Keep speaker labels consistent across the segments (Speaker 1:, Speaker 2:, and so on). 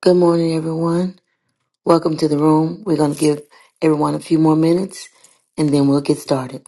Speaker 1: Good morning, everyone. Welcome to the room. We're going to give everyone a few more minutes and then we'll get started.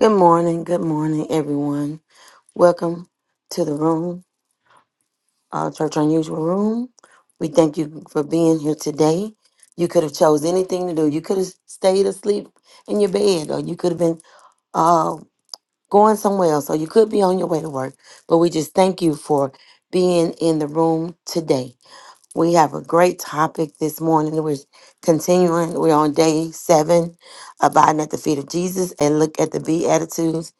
Speaker 1: Good morning. Good morning, everyone. Welcome to the room, our Church Unusual Room. We thank you for being here today. You could have chose anything to do. You could have stayed asleep in your bed or you could have been uh, going somewhere else or you could be on your way to work. But we just thank you for being in the room today. We have a great topic this morning. We're continuing. We're on day seven, abiding at the feet of Jesus and look at the Beatitudes.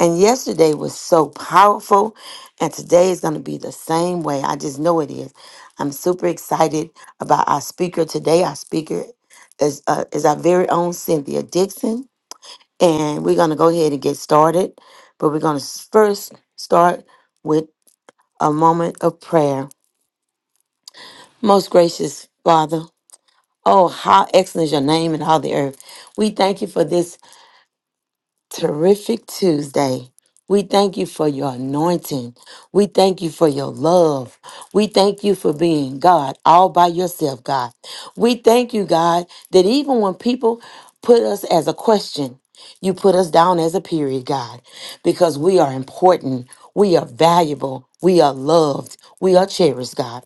Speaker 1: And yesterday was so powerful, and today is going to be the same way. I just know it is. I'm super excited about our speaker today. Our speaker is, uh, is our very own Cynthia Dixon. And we're going to go ahead and get started. But we're going to first start with a moment of prayer. Most gracious Father, Oh, how excellent is your name in all the earth. We thank you for this terrific Tuesday. We thank you for your anointing. We thank you for your love. We thank you for being God all by yourself, God. We thank you, God, that even when people put us as a question, you put us down as a period, God, because we are important. We are valuable. We are loved. We are cherished, God.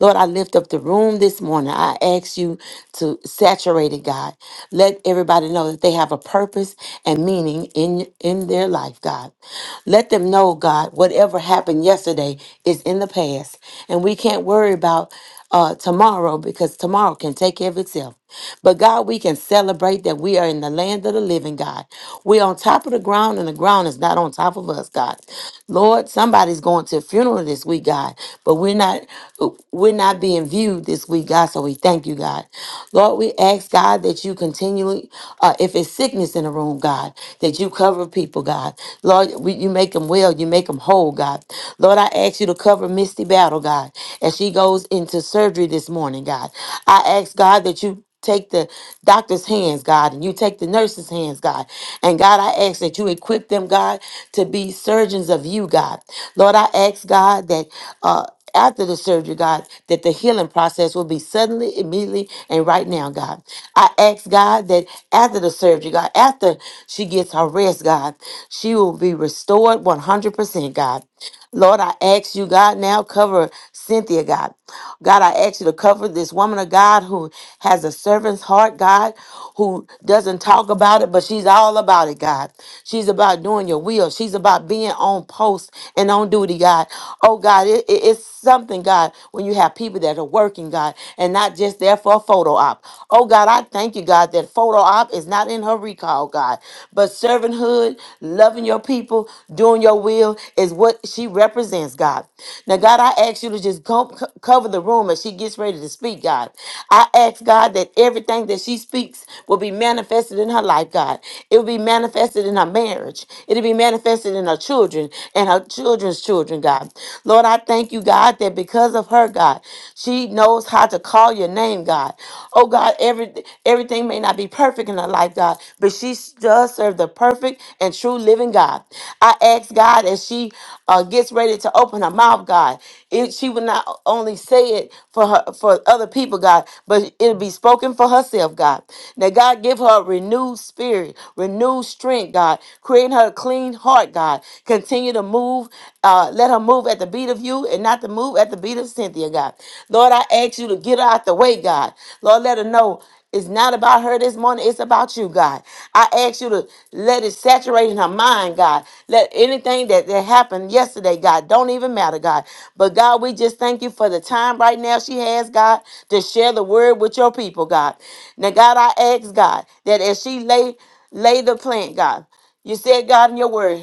Speaker 1: Lord, I lift up the room this morning. I ask you to saturate it, God. Let everybody know that they have a purpose and meaning in, in their life, God. Let them know, God, whatever happened yesterday is in the past. And we can't worry about uh, tomorrow because tomorrow can take care of itself. But God, we can celebrate that we are in the land of the living, God. We're on top of the ground and the ground is not on top of us, God. Lord, somebody's going to a funeral this week, God, but we're not we're not being being viewed this week, God. So we thank you, God. Lord, we ask, God, that you continually, uh, if it's sickness in the room, God, that you cover people, God. Lord, we, you make them well, you make them whole, God. Lord, I ask you to cover Misty Battle, God, as she goes into surgery this morning, God. I ask, God, that you take the doctor's hands, God, and you take the nurse's hands, God. And God, I ask that you equip them, God, to be surgeons of you, God. Lord, I ask, God, that. Uh, after the surgery, God, that the healing process will be suddenly, immediately, and right now, God. I ask God that after the surgery, God, after she gets her rest, God, she will be restored 100%, God. Lord, I ask you, God, now cover Cynthia, God. God, I ask you to cover this woman of God who has a servant's heart, God, who doesn't talk about it, but she's all about it, God. She's about doing your will. She's about being on post and on duty, God. Oh, God, it, it- it's something, God, when you have people that are working, God, and not just there for a photo op. Oh, God, I thank you, God, that photo op is not in her recall, God, but but servanthood, loving your people, doing your will is what she represents, God. Now, God, I ask you to just go, co- cover the room as she gets ready to speak, God. I ask, God, that everything that she speaks will be manifested in her life, God. It will be manifested in her marriage. It'll be manifested in her children and her children's children, God. Lord, I thank you, God, that because of her, God, she knows how to call your name, God. Oh, though God, every everything may not be perfect in her life, God, but she does serve the perfect and true living God. I ask God as she uh, gets ready to open her mouth, God, it, she will not only say it for her for other people, God, but it'll be spoken for herself, God. That God give her a renewed spirit, renewed strength, God, create her a clean heart, God. Continue to move, uh, let her move at the beat of you and not the move move at the beat of Cynthia, God. Lord, I ask you to get her out the way, God. Lord, let her know it's not about her this morning. It's about you, God. I ask you to let it saturate in her mind, God. Let anything that, that happened yesterday, God, don't even matter, God. But God, we just thank you for the time right now she has, God, to share the word with your people, God. Now, God, I ask, God, that as she lay lay the plant, God, you said, God, in your word.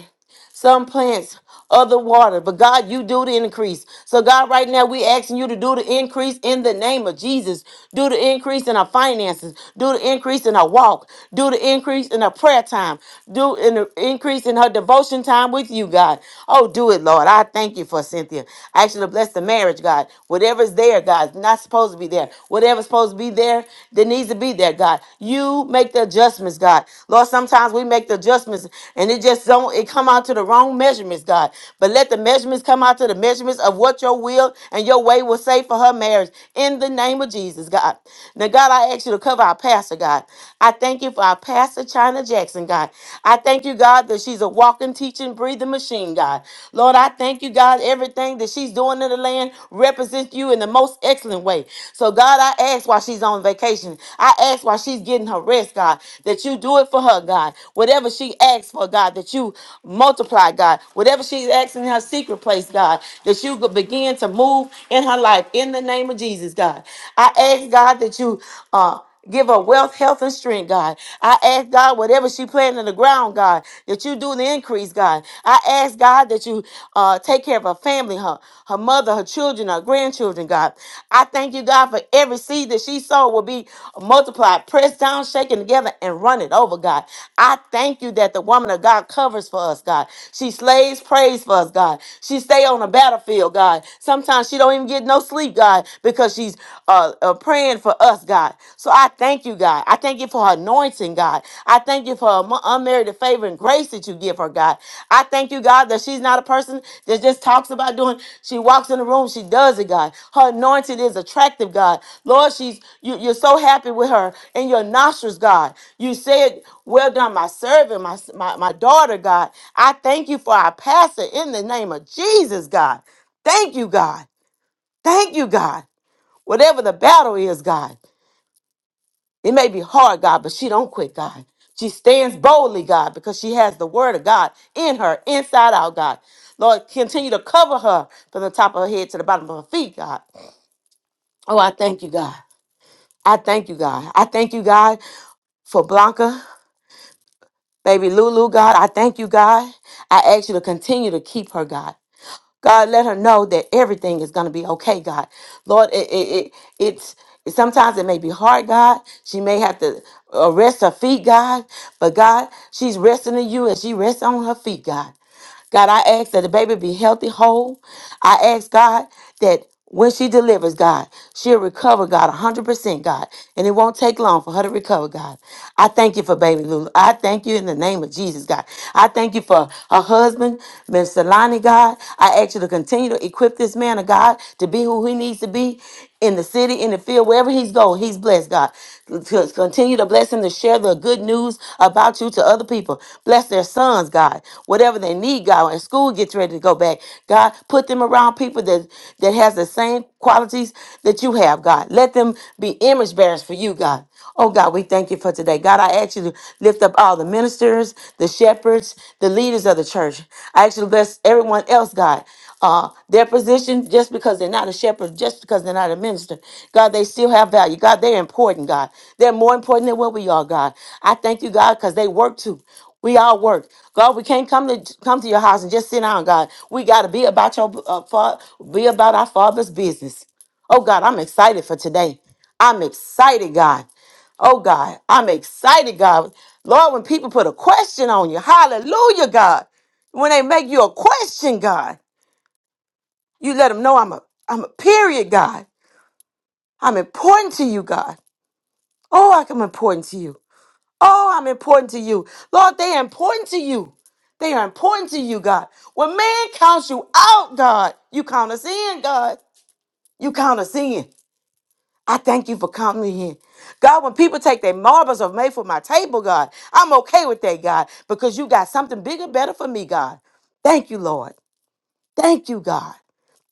Speaker 1: Some plants, other water. But God, you do the increase. So God, right now we asking you to do the increase in the name of Jesus. Do the increase in our finances. Do the increase in our walk. Do the increase in our prayer time. Do in the increase in her devotion time with you, God. Oh, do it, Lord. I thank you for Cynthia. I actually bless the marriage, God. Whatever's there, God, not supposed to be there. Whatever's supposed to be there, that needs to be there, God. You make the adjustments, God. Lord, sometimes we make the adjustments and it just don't it come out to the wrong measurements, God. But let the measurements come out to the measurements of what your will and your way will say for her marriage in the name of Jesus, God. Now, God, I ask you to cover our pastor, God. I thank you for our pastor, China Jackson, God. I thank you, God, that she's a walking, teaching, breathing machine, God. Lord, I thank you, God, everything that she's doing in the land represents you in the most excellent way. So, God, I ask while she's on vacation, I ask while she's getting her rest, God, that you do it for her, God. Whatever she asks for, God, that you multiply, God. Whatever she's asking in her secret place, God, that you could begin to move in her life in the name of Jesus, God. I ask, God, that you. Uh, Give her wealth, health, and strength, God. I ask God, whatever she planted in the ground, God, that you do the increase, God. I ask God that you uh, take care of her family, her, her mother, her children, her grandchildren, God. I thank you, God, for every seed that she sowed will be multiplied, pressed down, shaken together, and run it over, God. I thank you that the woman of God covers for us, God. She slays praise for us, God. She stay on the battlefield, God. Sometimes she don't even get no sleep, God, because she's uh, uh, praying for us, God. So I thank you, God. I thank you for her anointing, God. I thank you for her mo- unmerited favor and grace that you give her, God. I thank you, God, that she's not a person that just talks about doing. She walks in the room, she does it, God. Her anointing is attractive, God. Lord, she's you, you're so happy with her and your nostrils, God. You said, "Well done, my servant, my my, my daughter, God." I thank you for our pastor in the name of Jesus, God. Thank you, God. Thank you, God. Whatever the battle is, God, it may be hard, God, but she don't quit, God. She stands boldly, God, because she has the word of God in her, inside out, God. Lord, continue to cover her from the top of her head to the bottom of her feet, God. Oh, I thank you, God. I thank you, God. I thank you, God, for Blanca, baby Lulu, God. I thank you, God. I ask you to continue to keep her, God. God, let her know that everything is going to be okay, God. Lord, it, it, it, it's sometimes it may be hard, God. She may have to uh, rest her feet, God. But God, she's resting in you and she rests on her feet, God. God, I ask that the baby be healthy, whole. I ask, God, that when she delivers, God, she'll recover, God, 100%, God. And it won't take long for her to recover, God. I thank you for baby Lulu. I thank you in the name of Jesus, God. I thank you for her husband, Mr. Lonnie, God. I ask you to continue to equip this man of God to be who he needs to be in the city, in the field, wherever he's going. He's blessed, God. To continue to bless them to share the good news about you to other people. Bless their sons, God. Whatever they need, God. When school gets ready to go back, God, put them around people that that has the same qualities that you have, God. Let them be image bearers for you, God. Oh God, we thank you for today. God, I ask you to lift up all the ministers, the shepherds, the leaders of the church. I ask you to bless everyone else, God. Uh, their position, just because they're not a shepherd, just because they're not a minister, God, they still have value. God, they're important, God. They're more important than what we are, God. I thank you, God, because they work too. We all work, God. We can't come to come to your house and just sit down, God. We got to be about your uh, fa- be about our Father's business. Oh God, I'm excited for today. I'm excited, God. Oh God, I'm excited, God. Lord, when people put a question on you, hallelujah, God. When they make you a question, God, you let them know I'm a I'm a period, God. I'm important to you, God. Oh, I- I'm important to you. Oh, I'm important to you. Lord, they are important to you. They are important to you, God. When man counts you out, God, you count us in, God. You count us in. I thank you for coming here. God, when people take their marbles of made for my table, God, I'm okay with that, God, because you got something bigger, better for me, God. Thank you, Lord. Thank you, God.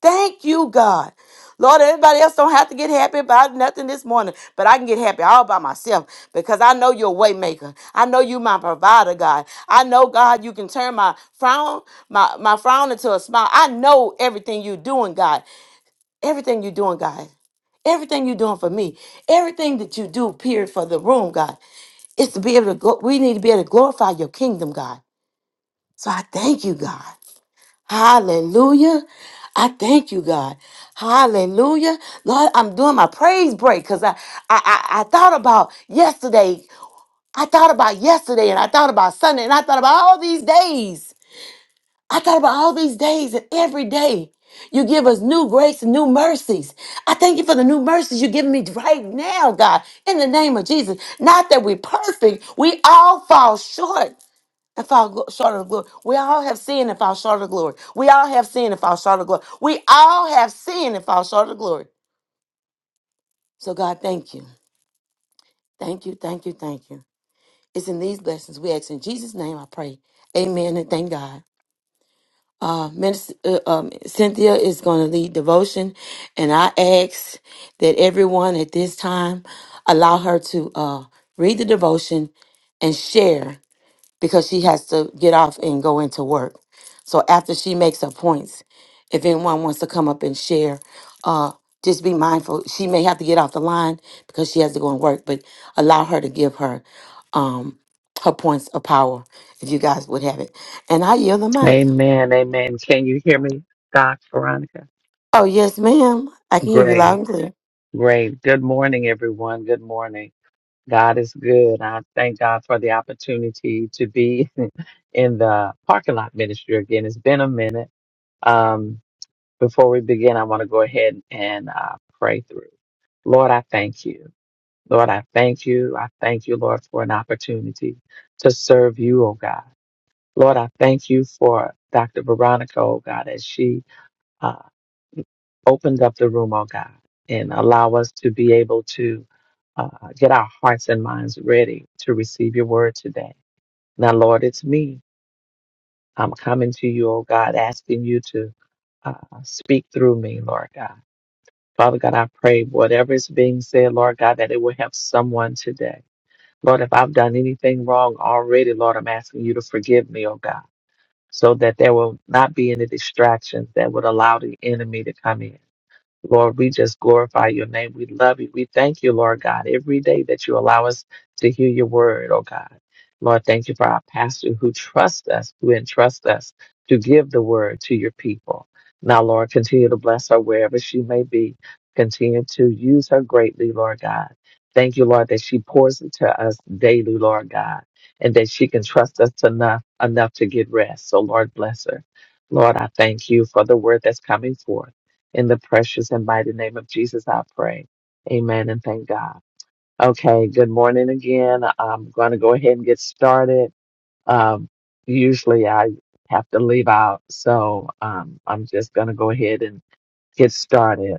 Speaker 1: Thank you, God. Lord, everybody else don't have to get happy about nothing this morning, but I can get happy all by myself because I know you're a way maker. I know you my provider, God. I know, God, you can turn my frown, my, my frown into a smile. I know everything you're doing, God. Everything you're doing, God. Everything you're doing for me. Everything that you do, period, for the room, God. Is to be able to go. We need to be able to glorify your kingdom, God. So I thank you, God. Hallelujah. I thank you, God. Hallelujah. Lord, I'm doing my praise break because I, I I I thought about yesterday. I thought about yesterday and I thought about Sunday and I thought about all these days. I thought about all these days and every day you give us new grace and new mercies. I thank you for the new mercies you're giving me right now, God, in the name of Jesus. Not that we're perfect, we all fall short. And fall glo- short of glory. We all have sinned and fall short of glory. We all have sinned and fall short of glory. We all have sinned and fall short of glory. So, God, thank you. Thank you, thank you, thank you. It's in these blessings we ask in Jesus' name I pray. Amen and thank God. Uh, Minister, uh, um, Cynthia is going to lead devotion, and I ask that everyone at this time allow her to uh, read the devotion and share because she has to get off and go into work. So after she makes her points, if anyone wants to come up and share, uh, just be mindful. She may have to get off the line because she has to go and work, but allow her to give her um, her points of power if you guys would have it. And I yield the mic.
Speaker 2: Amen. Amen. Can you hear me, Doc Veronica?
Speaker 1: Oh, yes, ma'am. I can hear you loud
Speaker 2: Great.
Speaker 1: and clear.
Speaker 2: Great. Good morning, everyone. Good morning. God is good. I thank God for the opportunity to be in the parking lot ministry again. It's been a minute. Um, before we begin, I want to go ahead and uh, pray through. Lord, I thank you. Lord, I thank you. I thank you, Lord, for an opportunity to serve you, oh God. Lord, I thank you for Dr. Veronica, oh God, as she uh, opened up the room, oh God, and allow us to be able to uh, get our hearts and minds ready to receive your word today. Now, Lord, it's me. I'm coming to you, oh God, asking you to uh, speak through me, Lord God. Father God, I pray whatever is being said, Lord God, that it will help someone today. Lord, if I've done anything wrong already, Lord, I'm asking you to forgive me, oh God, so that there will not be any distractions that would allow the enemy to come in. Lord, we just glorify your name. We love you. We thank you, Lord God, every day that you allow us to hear your word, oh God. Lord, thank you for our pastor who trusts us, who entrusts us to give the word to your people. Now, Lord, continue to bless her wherever she may be. Continue to use her greatly, Lord God. Thank you, Lord, that she pours into us daily, Lord God, and that she can trust us enough enough to get rest. So, Lord, bless her. Lord, I thank you for the word that's coming forth. In the precious and mighty name of Jesus, I pray. Amen and thank God. Okay, good morning again. I'm going to go ahead and get started. Um, usually I have to leave out, so um, I'm just going to go ahead and get started.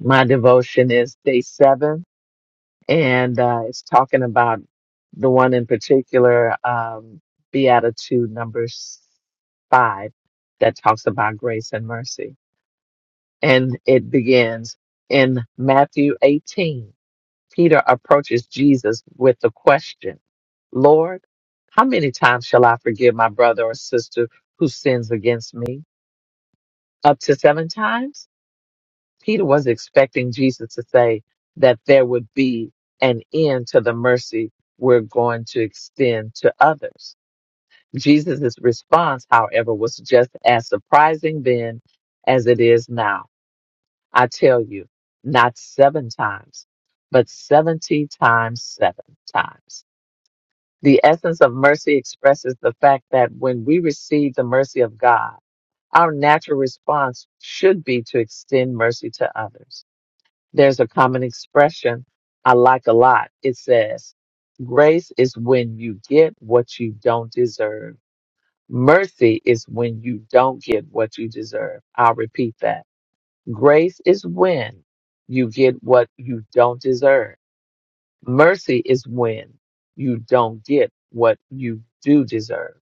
Speaker 2: My devotion is day seven, and uh, it's talking about the one in particular, um, Beatitude number s- five, that talks about grace and mercy. and it begins in Matthew 18. Peter approaches Jesus with the question, Lord, how many times shall I forgive my brother or sister who sins against me? Up to seven times? Peter was expecting Jesus to say that there would be an end to the mercy we're going to extend to others. Jesus' response, however, was just as surprising then as it is now. I tell you, not seven times, but 70 times seven times. The essence of mercy expresses the fact that when we receive the mercy of God, our natural response should be to extend mercy to others. There's a common expression I like a lot. It says, Grace is when you get what you don't deserve. Mercy is when you don't get what you deserve. I'll repeat that. Grace is when you get what you don't deserve. Mercy is when you don't get what you do deserve.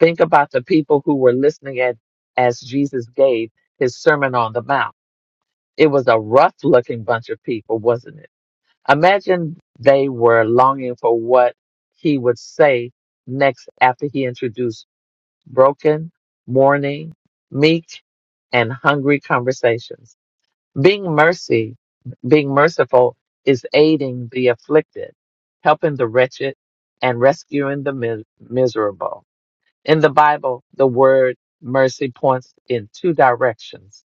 Speaker 2: Think about the people who were listening at, as Jesus gave his Sermon on the Mount. It was a rough looking bunch of people, wasn't it? Imagine they were longing for what he would say next after he introduced broken, mourning, meek, and hungry conversations. Being mercy, being merciful is aiding the afflicted, helping the wretched, and rescuing the mi- miserable. In the Bible, the word mercy points in two directions.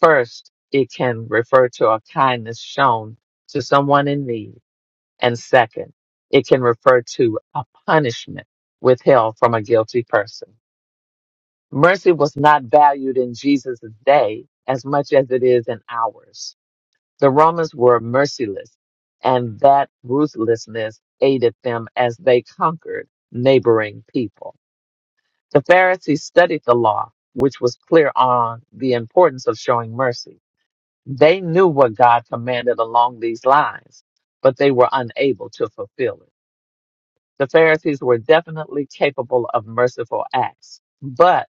Speaker 2: First, it can refer to a kindness shown to someone in need. And second, it can refer to a punishment withheld from a guilty person. Mercy was not valued in Jesus' day as much as it is in ours the Romans were merciless, and that ruthlessness aided them as they conquered neighboring people. The Pharisees studied the law, which was clear on the importance of showing mercy. They knew what God commanded along these lines, but they were unable to fulfill it. The Pharisees were definitely capable of merciful acts, but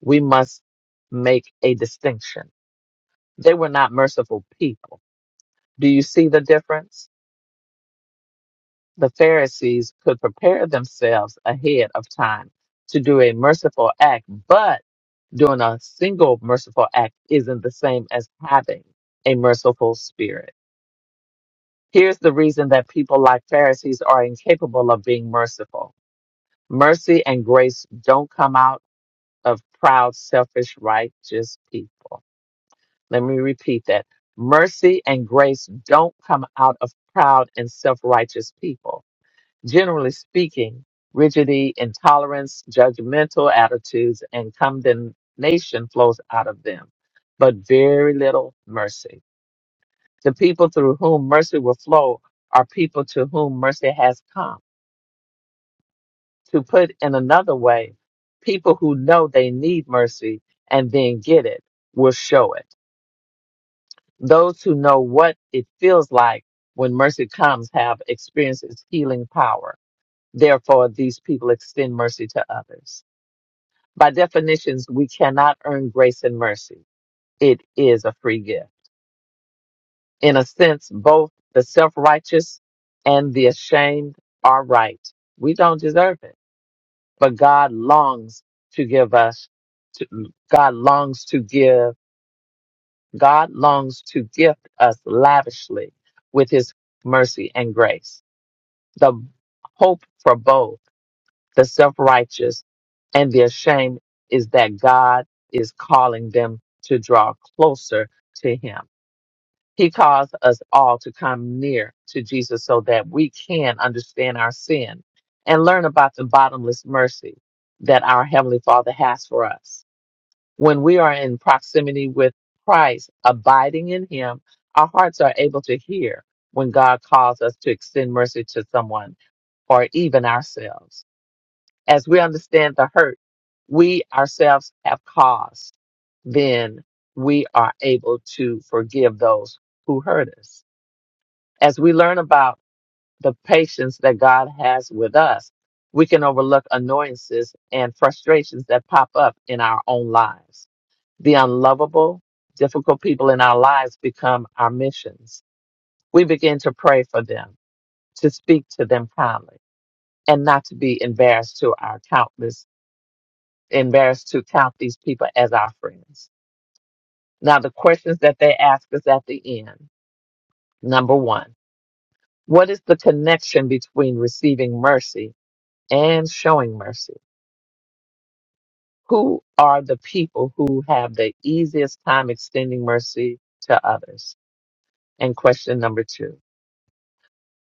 Speaker 2: we must make a distinction. They were not merciful people. Do you see the difference? the Pharisees could prepare themselves ahead of time to do a merciful act, but doing a single merciful act isn't the same as having a merciful spirit. Here's the reason that people like Pharisees are incapable of being merciful mercy and grace don't come out of proud, selfish, righteous people. Let me repeat that mercy and grace don't come out of proud and self righteous people Generally speaking, rigidity, intolerance, judgmental attitudes, and condemnation flows out of them, but very little mercy. The people through whom mercy will flow are people to whom mercy has come. To put in another way, people who know they need mercy and then get it will show it. Those who know what it feels like when mercy comes have experienced its healing power. Therefore, these people extend mercy to others. By definitions, we cannot earn grace and mercy. It is a free gift. In a sense, both the self righteous and the ashamed are right. We don't deserve it, but God longs to give us, to, God longs to give, God longs to gift us lavishly with his mercy and grace. The hope for both the self righteous, and their shame is that God is calling them to draw closer to Him. He calls us all to come near to Jesus so that we can understand our sin and learn about the bottomless mercy that our Heavenly Father has for us. When we are in proximity with Christ, abiding in Him, our hearts are able to hear when God calls us to extend mercy to someone or even ourselves as we understand the hurt we ourselves have caused, then we are able to forgive those who hurt us. As we learn about the patience that God has with us, we can overlook annoyances and frustrations that pop up in our own lives. The unlovable, difficult people in our lives become our missions. We begin to pray for them, to speak to them kindly, and not to be embarrassed to our countless embarrassed to count these people as our friends. Now, the questions that they ask us at the end. Number one, what is the connection between receiving mercy and showing mercy? Who are the people who have the easiest time extending mercy to others? And question number two,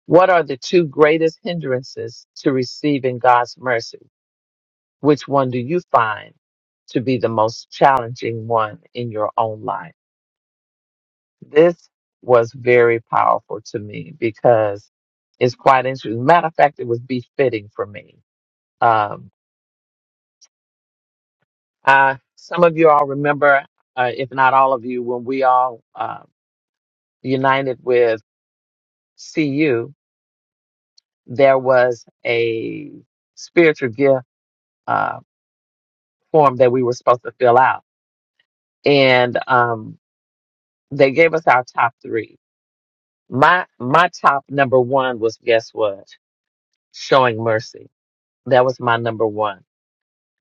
Speaker 2: what are the two greatest hindrances to receiving God's mercy? Which one do you find to be the most challenging one in your own life? This was very powerful to me because it's quite interesting. Matter of fact, it was befitting for me. Um, I, some of you all remember, uh, if not all of you, when we all uh, united with CU, there was a spiritual gift uh, form that we were supposed to fill out, and um, they gave us our top three. My my top number one was guess what? Showing mercy. That was my number one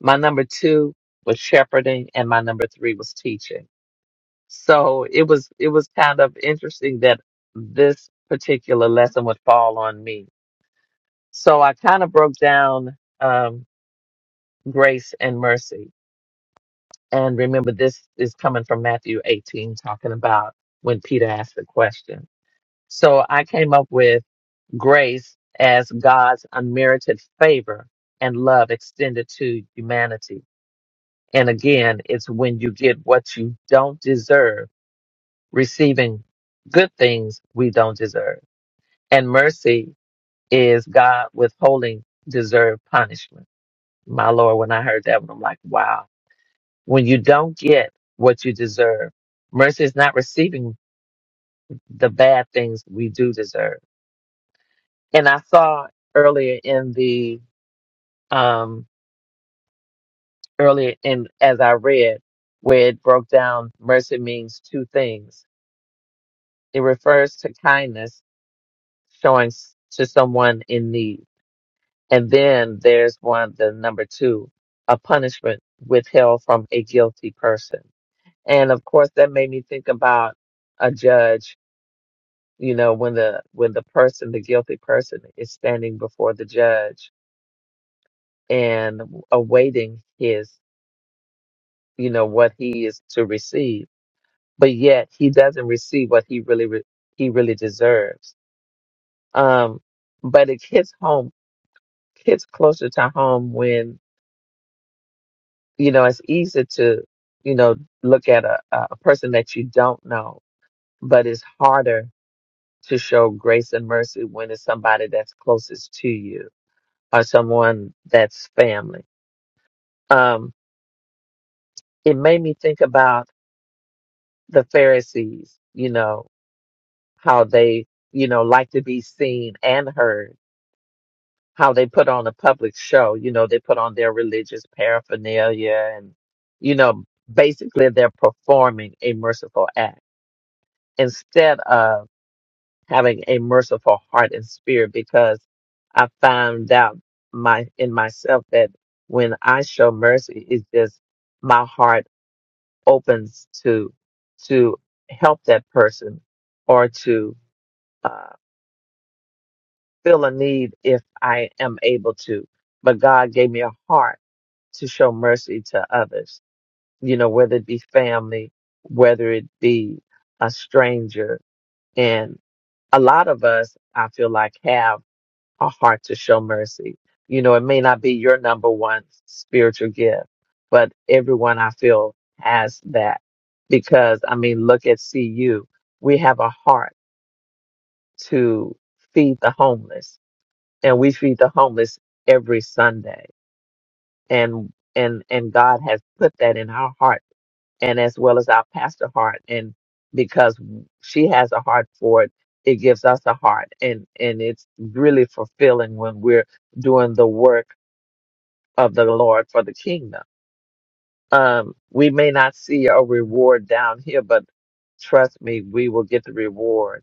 Speaker 2: My number two was shepherding, and my number three was teaching. So it was it was kind of interesting that this particular lesson would fall on me. So I kind of broke down um, grace and mercy. And remember, this is coming from Matthew 18, talking about when Peter asked the question. So I came up with grace as God's unmerited favor and love extended to humanity And again, it's when you get what you don't deserve, receiving good things we don't deserve. And mercy is God withholding deserved punishment. My Lord, when I heard that one, I'm like, wow. When you don't get what you deserve, mercy is not receiving the bad things we do deserve. And I saw earlier in the, um, earlier in, as I read, where it broke down, mercy means two things. It refers to kindness showing s- to someone in need. And then there's one, the number two, a punishment withheld from a guilty person. And of course, that made me think about a judge, you know, when the, when the person, the guilty person is standing before the judge and awaiting his, you know, what he is to receive, but yet he doesn't receive what he really, re- he really deserves. Um, but it hits home, hits closer to home when you know, it's easy to, you know, look at a, a person that you don't know, but it's harder to show grace and mercy when it's somebody that's closest to you or someone that's family. Um, it made me think about the Pharisees, you know, how they, you know, like to be seen and heard, how they put on a public show, you know, they put on their religious paraphernalia and, you know, basically they're performing a merciful act instead of having a merciful heart and spirit because I found out my in myself that when I show mercy, it's just my heart opens to to help that person or to uh, fill a need if I am able to. But God gave me a heart to show mercy to others. You know, whether it be family, whether it be a stranger, a lot of us, I feel like, have a heart to show mercy. You know, it may not be your number one spiritual gift, but everyone I feel has that. Because, I mean, look at CU. We have a heart to feed the homeless, and we feed the homeless every Sunday. And and and God has put that in our heart and as well as our pastor heart and because she has a heart for it it gives us a heart and and it's really fulfilling when we're doing the work of the lord for the kingdom um we may not see a reward down here but trust me we will get the reward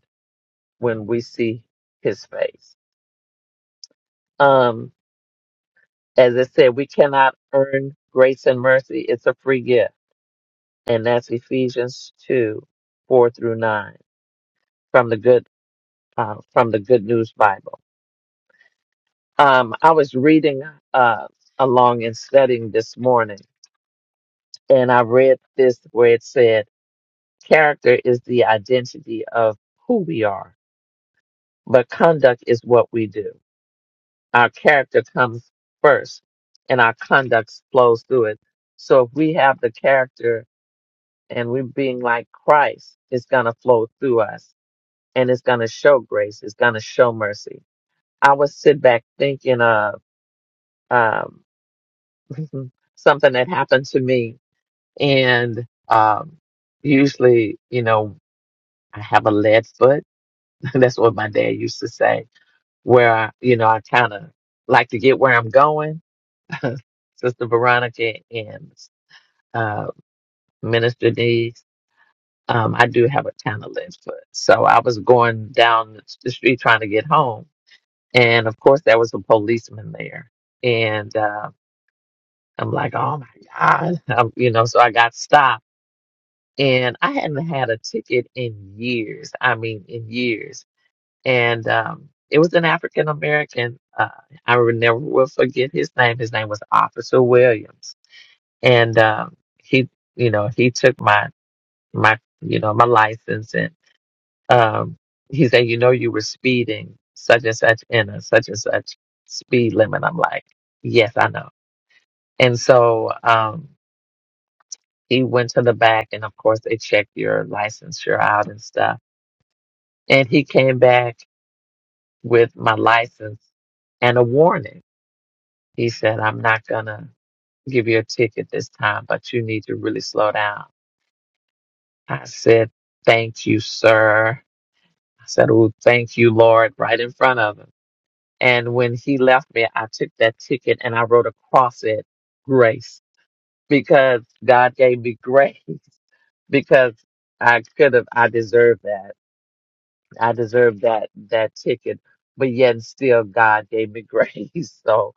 Speaker 2: when we see his face um as i said we cannot earn grace and mercy it's a free gift and that's ephesians 2 4 through 9 from the good uh, from the Good News Bible. Um, I was reading uh, along and studying this morning, and I read this where it said, Character is the identity of who we are, but conduct is what we do. Our character comes first, and our conduct flows through it. So if we have the character and we're being like Christ, it's going to flow through us and it's going to show grace, it's going to show mercy. I would sit back thinking of. um, something that happened to me. And um, usually, you know, I have a lead foot. That's what my dad used to say, where, I, you know, I kind of like to get where I'm going. Sister Veronica and uh, Minister Deeds, um, I do have a kind of lead foot. So I was going down the street trying to get home. And of course, there was a policeman there. And uh, I'm like, oh my God. I'm, you know, so I got stopped and I hadn't had a ticket in years. I mean, in years. And um, it was an African American. Uh, I will never will forget his name. His name was Officer Williams, and um, he, you know, he took my my, you know, my license, and um, he said, you know, you were speeding such and such in a such and such speed limit. I'm like, yes, I know. And so um, he went to the back, and of course, they check your licensure out and stuff And he came back with my license and a warning. He said, I'm not going to give you a ticket this time, but you need to really slow down. I said, Thank you, sir. I said, Oh, thank you, Lord, right in front of him. And when he left me, I took that ticket and I wrote across it grace because God gave me grace because I could have, I deserved that I deserved that that ticket, but yet and still God gave me grace. So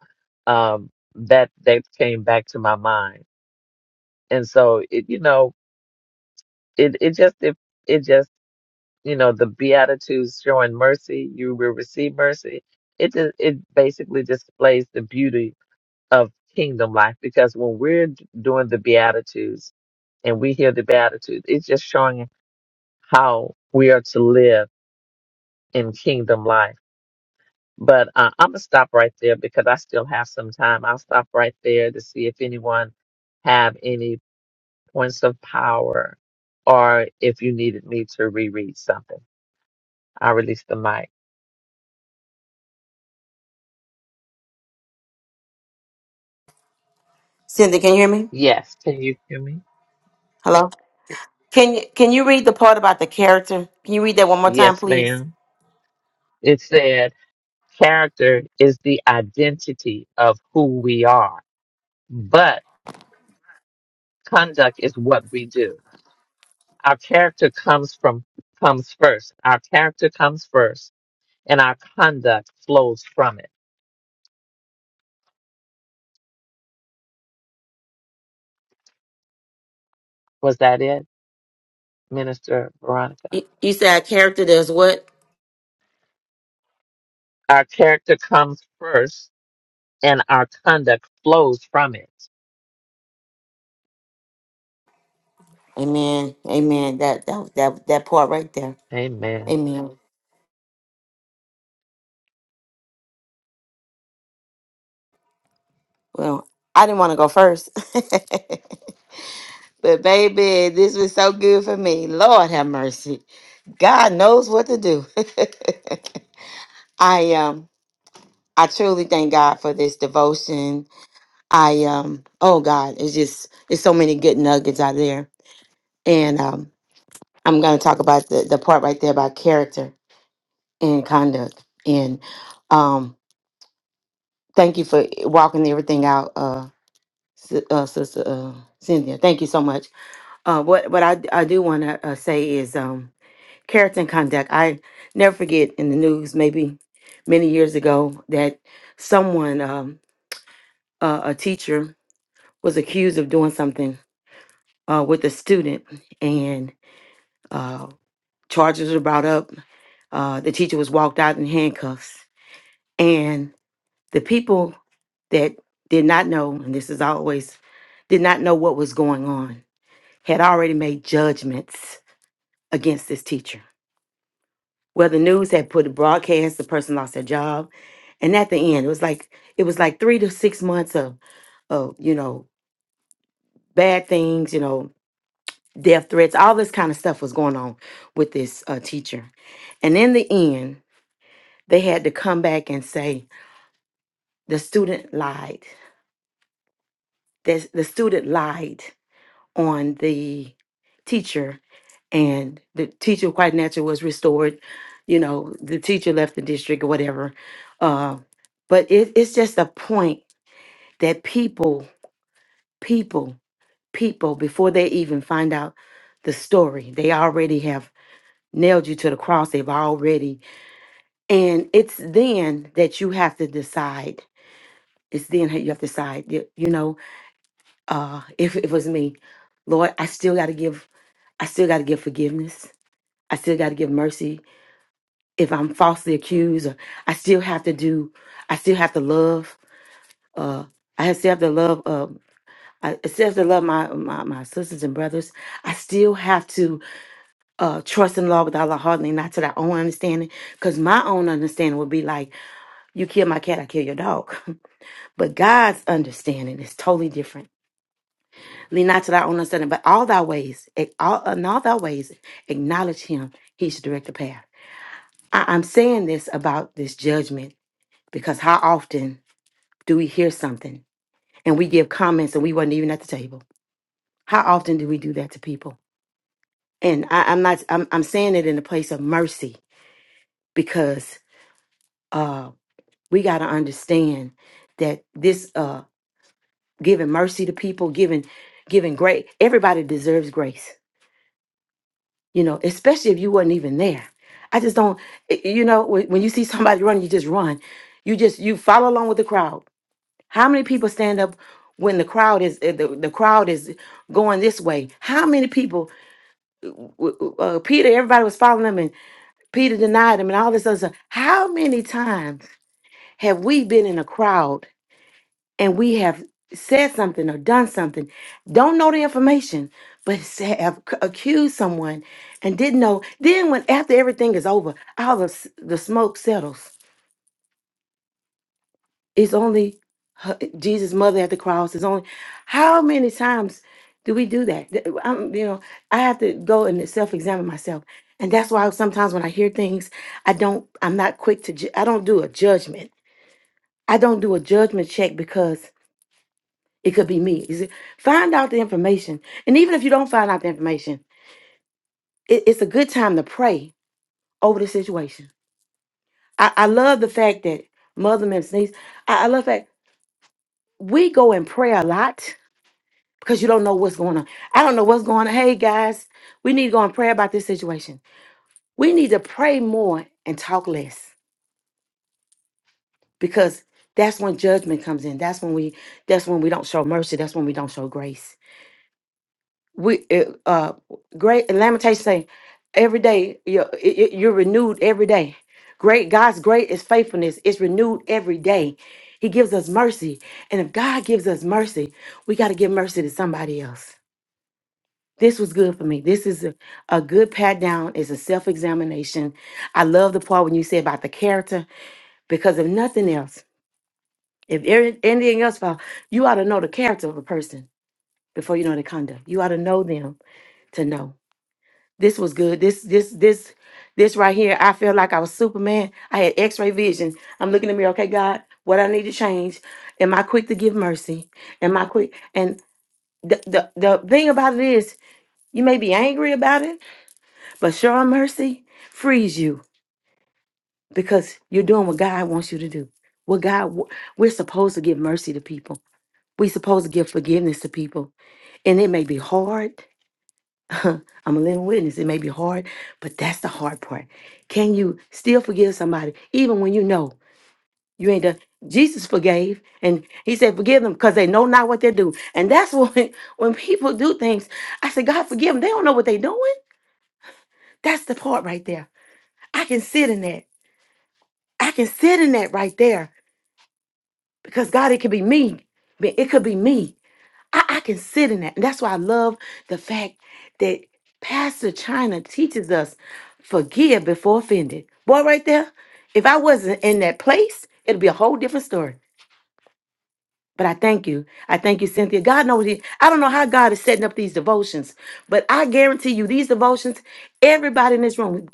Speaker 2: um that that came back to my mind. And so it you know, it it just it, it just you know, the Beatitudes showing mercy, you will receive mercy. It just, it basically displays the beauty of kingdom life because when we're d- doing the Beatitudes and we hear the Beatitudes, it's just showing how we are to live in kingdom life But uh, I'm gonna stop right there because I still have some time. I'll stop right there to see if anyone have any points of power, or if you needed me to reread something. I release the mic.
Speaker 1: Cindy, can you hear me?
Speaker 2: Yes, can you hear me?
Speaker 1: Hello? Can you can you read the part about the character? Can you read that one more time,
Speaker 2: Yes,
Speaker 1: please?
Speaker 2: ma'am. It said character is the identity of who we are, but conduct is what we do. Our character comes from comes first. Our character comes first, and our conduct flows from it Was that it, Minister Veronica?
Speaker 1: You, you said a character does what?
Speaker 2: Our character comes first and our conduct flows from it.
Speaker 1: Amen. Amen. That that that that part right there.
Speaker 2: Amen.
Speaker 1: Amen. Well, I didn't want to go first. but baby, this was so good for me. Lord have mercy. God knows what to do. I um I truly thank God for this devotion I um oh God, it's just it's so many good nuggets out there. And um I'm gonna talk about the, the part right there about character and conduct. And um thank you for walking everything out, uh, Sis- uh sister uh Cynthia. Thank you so much. Uh what what I I do wanna uh, say is um character and conduct. I never forget in the news maybe many years ago that someone um a, a teacher was accused of doing something uh with a student Uh, charges were brought up. Uh, the teacher was walked out in handcuffs. And the people that did not know, and this is always, did not know what was going on, had already made judgments against this teacher. Well, the news had put a broadcast, the person lost their job. And at the end, it was like it was like three to six months of of you know bad things you know death threats all this kind of stuff was going on with this uh, teacher and in the end They had to come back and say the student lied. This, the student lied on the teacher, and the teacher quite naturally was restored. You know, the teacher left the district or whatever. Uh, but it, it's just a point that people, people, people, before they even find out the story, they already have nailed you to the cross. They've already, and it's then that you have to decide. It's then that you have to decide. You you know, uh if it was me lord i still got to give i still got to give forgiveness i still got to give mercy if i'm falsely accused or i still have to do i still have to love uh i still have to love uh I I still have to love my, my, my sisters and brothers. I still have to uh, trust in the Lord with all our heart and not to their own understanding, because my own understanding would be like, you kill my cat, I kill your dog. But God's understanding is totally different Lean not to thy own understanding, but all thy ways, ac- all, in all thy ways, acknowledge him. He should direct the path. I, I'm saying this about this judgment because how often do we hear something and we give comments and we wasn't even at the table? How often do we do that to people? And I, I'm not, I'm, I'm saying it in the place of mercy because uh, we got to understand that this uh, giving mercy to people, giving, giving great, everybody deserves grace you know, especially if you wasn't even there. I just don't, i- you know, when, when you see somebody running, you just run. You just you follow along with the crowd. How many people stand up when the crowd is uh, the, the crowd is going this way? How many people? eh, w- w- Uh, Peter, everybody was following him, and Peter denied him, and all this other stuff. How many times have we been in a crowd? and we have said something or done something, don't know the information, but say, have c- accused someone and didn't know. Then, when after everything is over, all the, s- the smoke settles. It's only her, Jesus' mother at the cross. It's only how many times do we do that? Th- I'm, you know, I have to go and self-examine myself, and that's why sometimes when I hear things, I don't. I'm not quick to. Ju- I don't do a judgment. I don't do a judgment check because It could be me. You see, find out the information. And even if you don't find out the information, it- it's a good time to pray over the situation. I, I love the fact that Mother Mims niece, I, I love that we go and pray a lot because you don't know what's going on. I don't know what's going on. Hey guys, we need to go and pray about this situation. We need to pray more and talk less because that's when judgment comes in. That's when we that's when we don't show mercy. That's when we don't show grace. we uh, uh great Lamentations say every day you're, it- it- you're renewed every day great god's great is faithfulness it's renewed every day he gives us mercy and if god gives us mercy we got to give mercy to somebody else this was good for me this is a, a good pat down it's a self-examination i love the part when you say about the character because if nothing else if every- anything else fall, you ought to know the character of a person before you know the conduct you ought to know them to know This was good. This this this this right here. I felt like I was Superman. I had X-ray vision. I'm looking in the mirror. Okay, God, what I need to change. Am I quick to give mercy? Am I quick? And the the the thing about it is, you may be angry about it, but sure mercy frees you because you're doing what God wants you to do. What God w- we're supposed to give mercy to people. We're supposed to give forgiveness to people, and it may be hard. I'm a living witness. It may be hard, but that's the hard part. Can you still forgive somebody even when you know you ain't done? Jesus forgave, and He said, "Forgive them, because they know not what they do." And that's when when people do things, I said, "God forgive them. They don't know what they are doing." That's the part right there. I can sit in that. I can sit in that right there because God, it could be me. It could be me I, I can sit in that. And that's why I love the fact that Pastor China teaches us forgive before offended. Boy, right there, if I wasn't in that place, it'd be a whole different story. But I thank you. I thank you, Cynthia. God knows he, I don't know how God is setting up these devotions, but I guarantee you, these devotions, everybody in this room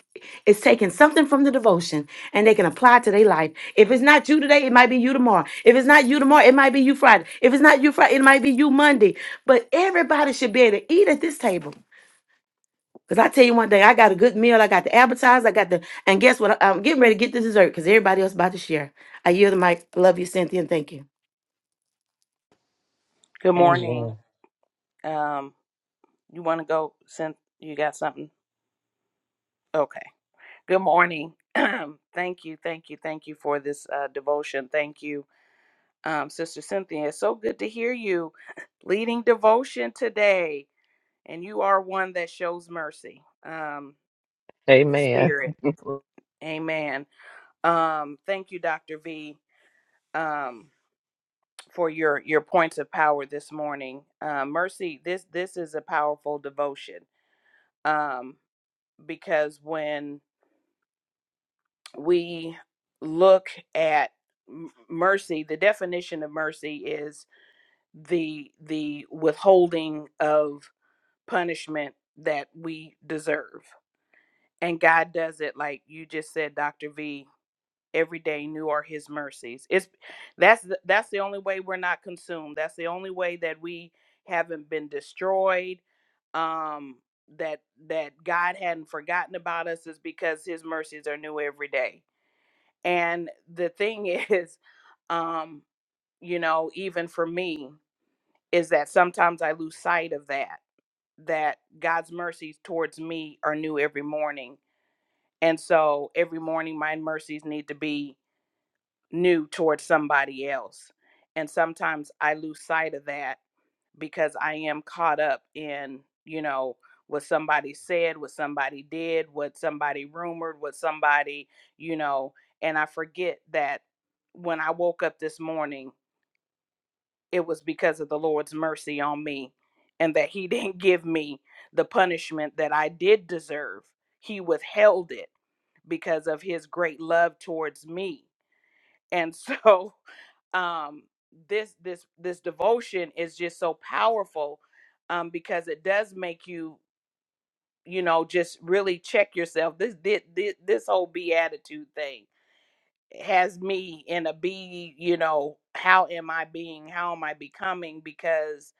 Speaker 1: is taking something from the devotion and they can apply it to their life. If it's not you today, it might be you tomorrow. If it's not you tomorrow, it might be you Friday. If it's not you Friday, it might be you Monday. But everybody should be able to eat at this table. Because I tell you one thing, I got a good meal. I got the appetizer. I got the, and guess what? I'm getting ready to get the dessert because everybody else about to share. I yield the mic. Love you, Cynthia, and thank you.
Speaker 3: Good morning.
Speaker 2: Amen.
Speaker 3: Um, you want to go? Send you got something? Okay. Good morning. thank you, thank you, thank you for this uh, devotion. Thank you, um, Sister Cynthia. It's so good to hear you leading devotion today, and you are one that shows mercy. Um, your
Speaker 2: Amen.
Speaker 3: spirit, Amen. Um, thank you, Doctor V, um, for your your points of power this morning. Uh, mercy. This this is a powerful devotion. Um. because when we look at m- mercy the definition of mercy is the the withholding of punishment that we deserve and god does it like you just said dr v every day new are his mercies it's that's the, that's the only way we're not consumed that's the only way that we haven't been destroyed um that that god hadn't forgotten about us is because his mercies are new every day And the thing is, um, you know, even for me, is that sometimes I lose sight of that, that God's mercies towards me are new every morning. And so every morning, my mercies need to be new towards somebody else. And sometimes I lose sight of that because I am caught up in, you know, what somebody said, what somebody did, what somebody rumored, what somebody, you know, and I forget that when I woke up this morning, it was because of the Lord's mercy on me and that He didn't give me the punishment that I did deserve. He withheld it because of His great love towards me. And so um this this this devotion is just so powerful um because it does make you you know just really check yourself this this this, this whole beatitude thing has me in a be you know how am i being how am i becoming because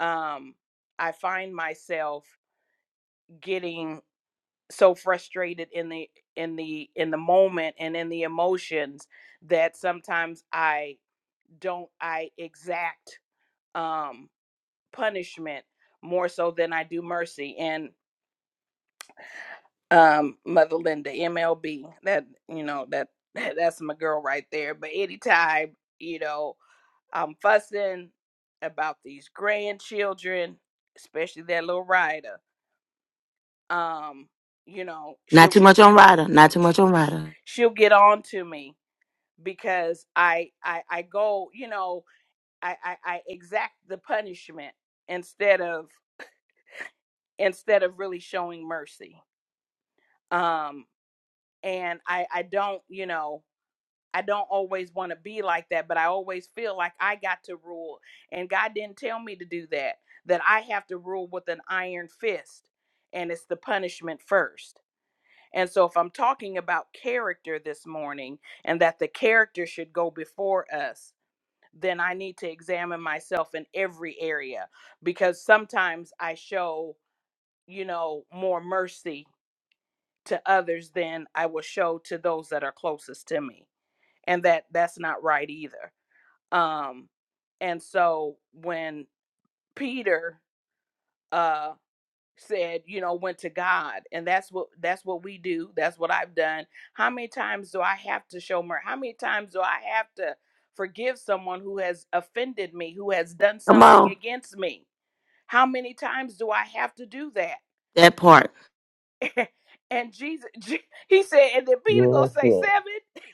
Speaker 3: um i find myself getting so frustrated in the in the in the moment and in the emotions that sometimes i don't i exact um punishment more so than I do mercy. And um, Mother Linda, MLB, that you know that that that's my girl right there. But anytime you know I'm fussing about these grandchildren, especially that little rider, um, you know
Speaker 1: Not
Speaker 3: she'll
Speaker 1: too
Speaker 3: get
Speaker 1: much on Ryder. Not too much on Ryder.
Speaker 3: she'll get on to me because I I I go you know I I, I exact the punishment instead of instead of really showing mercy. Um, and I I don't, you know, I don't always want to be like that, but I always feel like I got to rule and God didn't tell me to do that. That I have to rule with an iron fist and it's the punishment first. And so if I'm talking about character this morning and that the character should go before us, then I need to examine myself in every area because sometimes I show, you know, more mercy to others than I will show to those that are closest to me and that that's not right either um and so when peter uh said you know went to god and that's what that's what we do that's what i've done how many times do i have to show mercy how many times do i have to forgive someone who has offended me who has done
Speaker 4: Come
Speaker 3: something
Speaker 4: on.
Speaker 3: against me how many times do i have to do that
Speaker 1: That part.
Speaker 3: and jesus Je- he said and then peter
Speaker 2: Yes,
Speaker 3: gonna say seven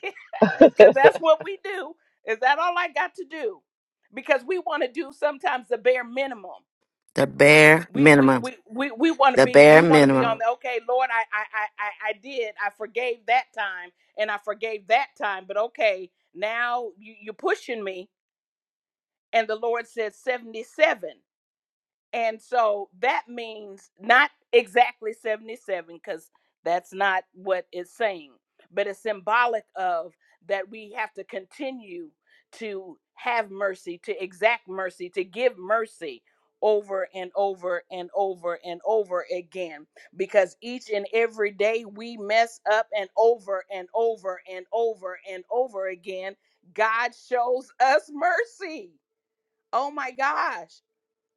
Speaker 3: because
Speaker 2: yes.
Speaker 3: that's what we do. Is that all I got to do? Because we want to do sometimes the bare minimum.
Speaker 1: The bare
Speaker 3: We we
Speaker 1: minimum.
Speaker 3: we we, we want to
Speaker 1: The
Speaker 3: be we
Speaker 1: bare
Speaker 3: want to be on
Speaker 1: minimum.
Speaker 3: the okay, Lord. I, I I I I did. I forgave that time, and I forgave that time. But okay, now you, you're pushing me, and the Lord said seventy seven. And so that means not exactly 77, because that's not what it's saying, but it's symbolic of that we have to continue to have mercy, to exact mercy, to give mercy over and over and over and over again, because each and every day we mess up and over and over and over and over again, God shows us mercy. Oh my gosh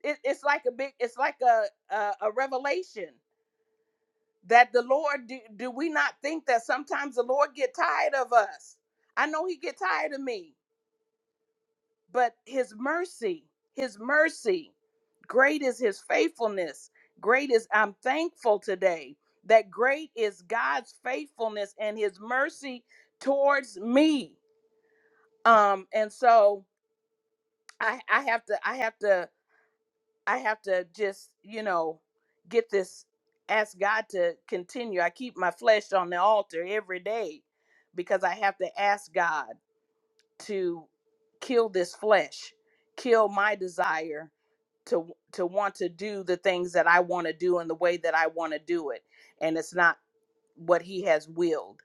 Speaker 3: it, it's like a big it's like a, a a revelation that the lord do, do we not think that sometimes the lord get tired of us i know he get tired of me but his mercy his mercy great is his faithfulness great is i'm thankful today that great is god's faithfulness and his mercy towards me um and so i i have to i have to I have to just, you know, get this, ask God to continue. I keep my flesh on the altar every day because I have to ask God to kill this flesh, kill my desire to to want to do the things that I want to do in the way that I want to do it and it's not what he has willed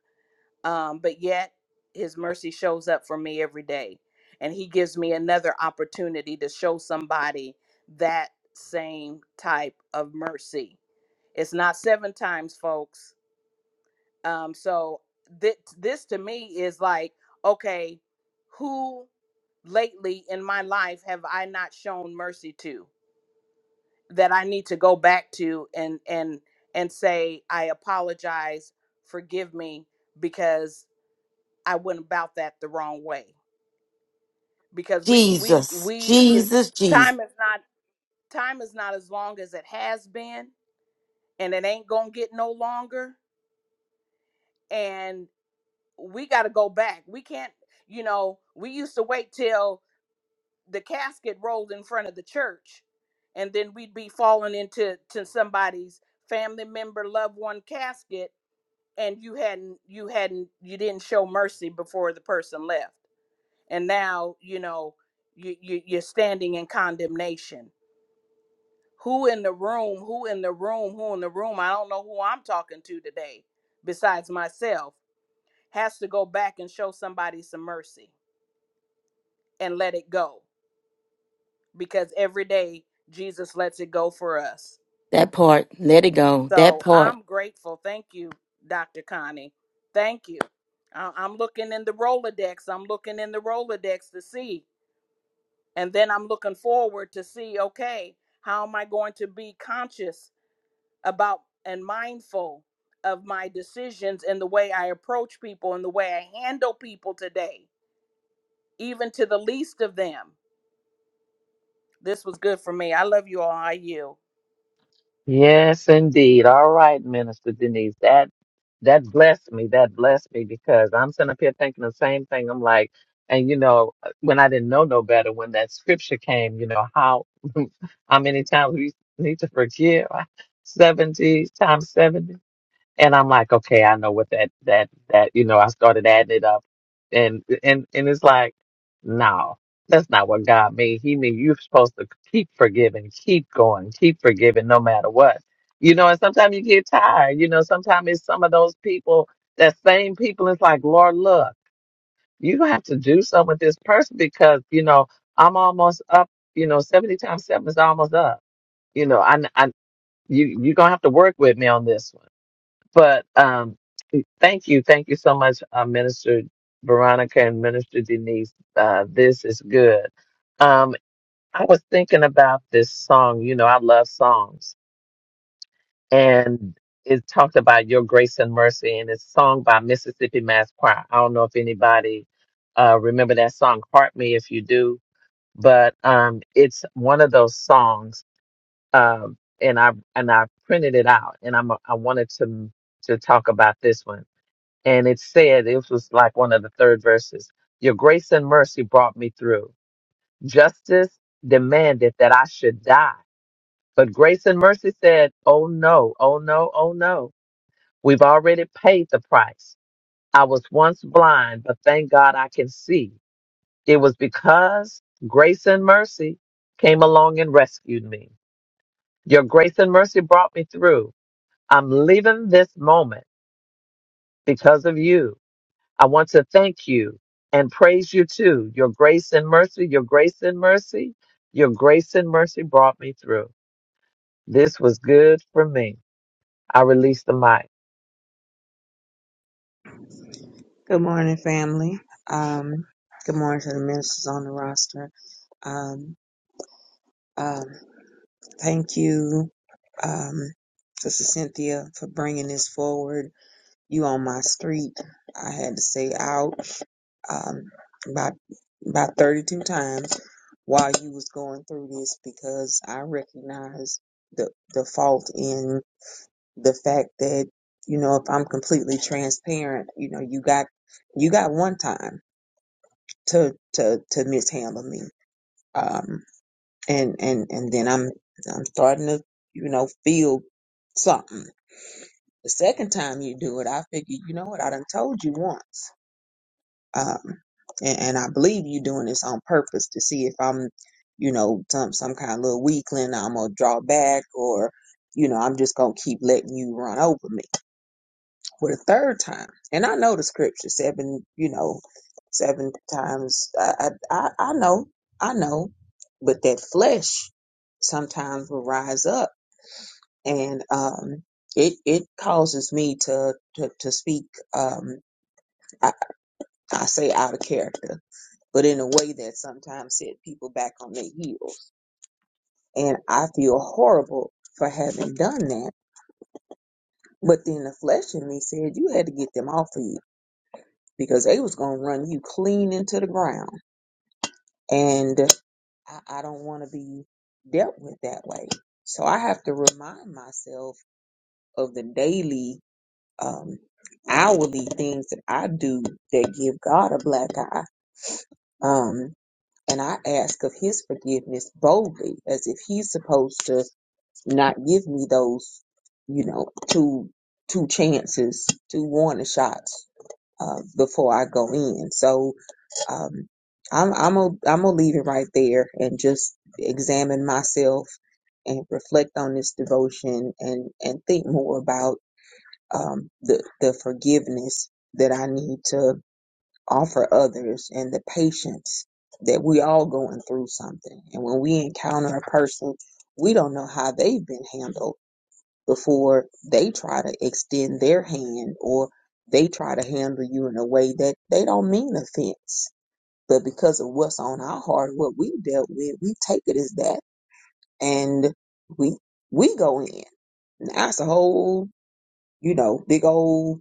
Speaker 3: um, but yet his mercy shows up for me every day and he gives me another opportunity to show somebody that same type of mercy it's not seven times folks um, so th- this to me is like okay who lately in my life have i not shown mercy to that i need to go back to and and and say i apologize forgive me because I went about that the wrong way because we we
Speaker 1: Jesus.
Speaker 3: we you-
Speaker 1: Jesus. Jesus.
Speaker 3: time is not time is not as long as it has been and it ain't going to get no longer and we got to go back. We can't, you know, we used to wait till the casket rolled in front of the church and then we'd be falling into to somebody's family member loved one casket and you hadn't you hadn't you didn't show mercy before the person left and now you know you, you you're standing in condemnation who in the room who in the room who in the room i don't know who i'm talking to today besides myself has to go back and show somebody some mercy and let it go because every day jesus lets it go for us
Speaker 1: That part. Let it go. That
Speaker 3: so
Speaker 1: part.
Speaker 3: i'm grateful thank you dr connie thank you I- i'm looking in the rolodex i'm looking in the rolodex to see And then I'm looking forward to see, okay, how am I going to be conscious about and mindful of my decisions and the way I approach people and the way I handle people today, even to the least of them. This was good for me. I love you all. I you.
Speaker 2: yes, indeed. All right, Minister Denise. That that blessed me. That blessed me because I'm sitting up here thinking the same thing. I'm like, and you know, when I didn't know no better, when that scripture came, you know, how how many times we need to forgive? Seventy times 70. And I'm like, okay, I know what that that that you know. I started adding it up, and and and it's like, no, that's not what God mean. He mean you're supposed to keep forgiving, keep going, keep forgiving, no matter what. You know, and sometimes you get tired. You know, sometimes it's some of those people, that same people. It's like, Lord, look, you gonna have to do something with this person because you know I'm almost up. You know, seventy times seven is almost up. You know, I I you you're gonna have to work with me on this one but um, thank you, thank you so much, uh, Minister Veronica and Minister Denise. Uh, this is good. Um, I was thinking about this song. You know, I love songs, and it talked about your grace and mercy, and it's sung by Mississippi Mass Choir. I don't know if anybody uh, remember that song. Heart me if you do, but um, it's one of those songs. Um, and I and I printed it out, and I'm I wanted to to talk about this one and it said it was like one of the third verses your grace and mercy brought me through justice demanded that i should die but grace and mercy said oh no oh no oh no we've already paid the price i was once blind but thank god i can see it was because grace and mercy came along and rescued me your grace and mercy brought me through i'm leaving this moment because of you I want to thank you and praise you too. Your grace and mercy, your grace and mercy, your grace and mercy brought me through. This was good for me. I release the mic.
Speaker 5: Good morning, family. Um, good morning to the ministers on the roster. Um, um, thank you, um, Sister Cynthia, for bringing this forward. You on my street. I had to say out um, about about 32 times while you was going through this because I recognize the the fault in the fact that you know if I'm completely transparent, you know you got you got one time. to to to mishandle me. Um, and and and then I'm I'm starting to you know feel something. The second time you do it, I figure you know what I done told you once. Um, and, and I believe you doing this on purpose to see if I'm you know some some kind of little weakling. I'm gonna draw back or you know I'm just gonna keep letting you run over me. for the third time. And I know the scripture seven, you know, seven times. I, I, I know, I know, but that flesh sometimes will rise up and, um, it, it causes me to, to, to speak, um, I, I say out of character, but in a way that sometimes set people back on their heels. And I feel horrible for having done that. But then the flesh in me said, you had to get them off of you because they was gonna run you clean into the ground, and I, I don't want to be dealt with that way. So I have to remind myself of the daily, um, hourly things that I do that give God a black eye. Um, and I ask of His forgiveness boldly, as if He's supposed to not give me those, you know, two two chances, two warning shots uh, before I go in. So Um, I'm I'm gonna I'm gonna leave it right there and just examine myself and reflect on this devotion and and think more about um, the the forgiveness that I need to offer others and the patience that we all going through something. And when we encounter a person, we don't know how they've been handled before they try to extend their hand or they try to handle you in a way that they don't mean offense but because of what's on our heart, what we dealt with, we take it as that and we we go in. Now it's a whole, you know, big old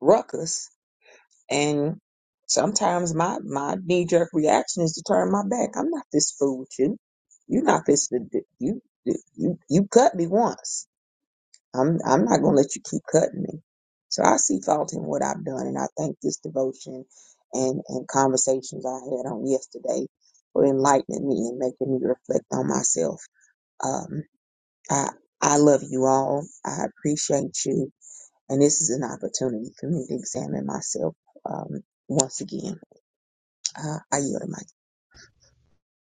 Speaker 5: ruckus. And sometimes my my knee jerk reaction is to turn my back. I'm not this fool with you. You're not this you you you cut me once I'm I'm not gonna let you keep cutting me. So I see fault in what I've done, and I think this devotion and and conversations I had on yesterday for enlightening me and making me reflect on myself. Um, I I love you all. I appreciate you, and this is an opportunity for me to examine myself um, once again. Uh, I yield to my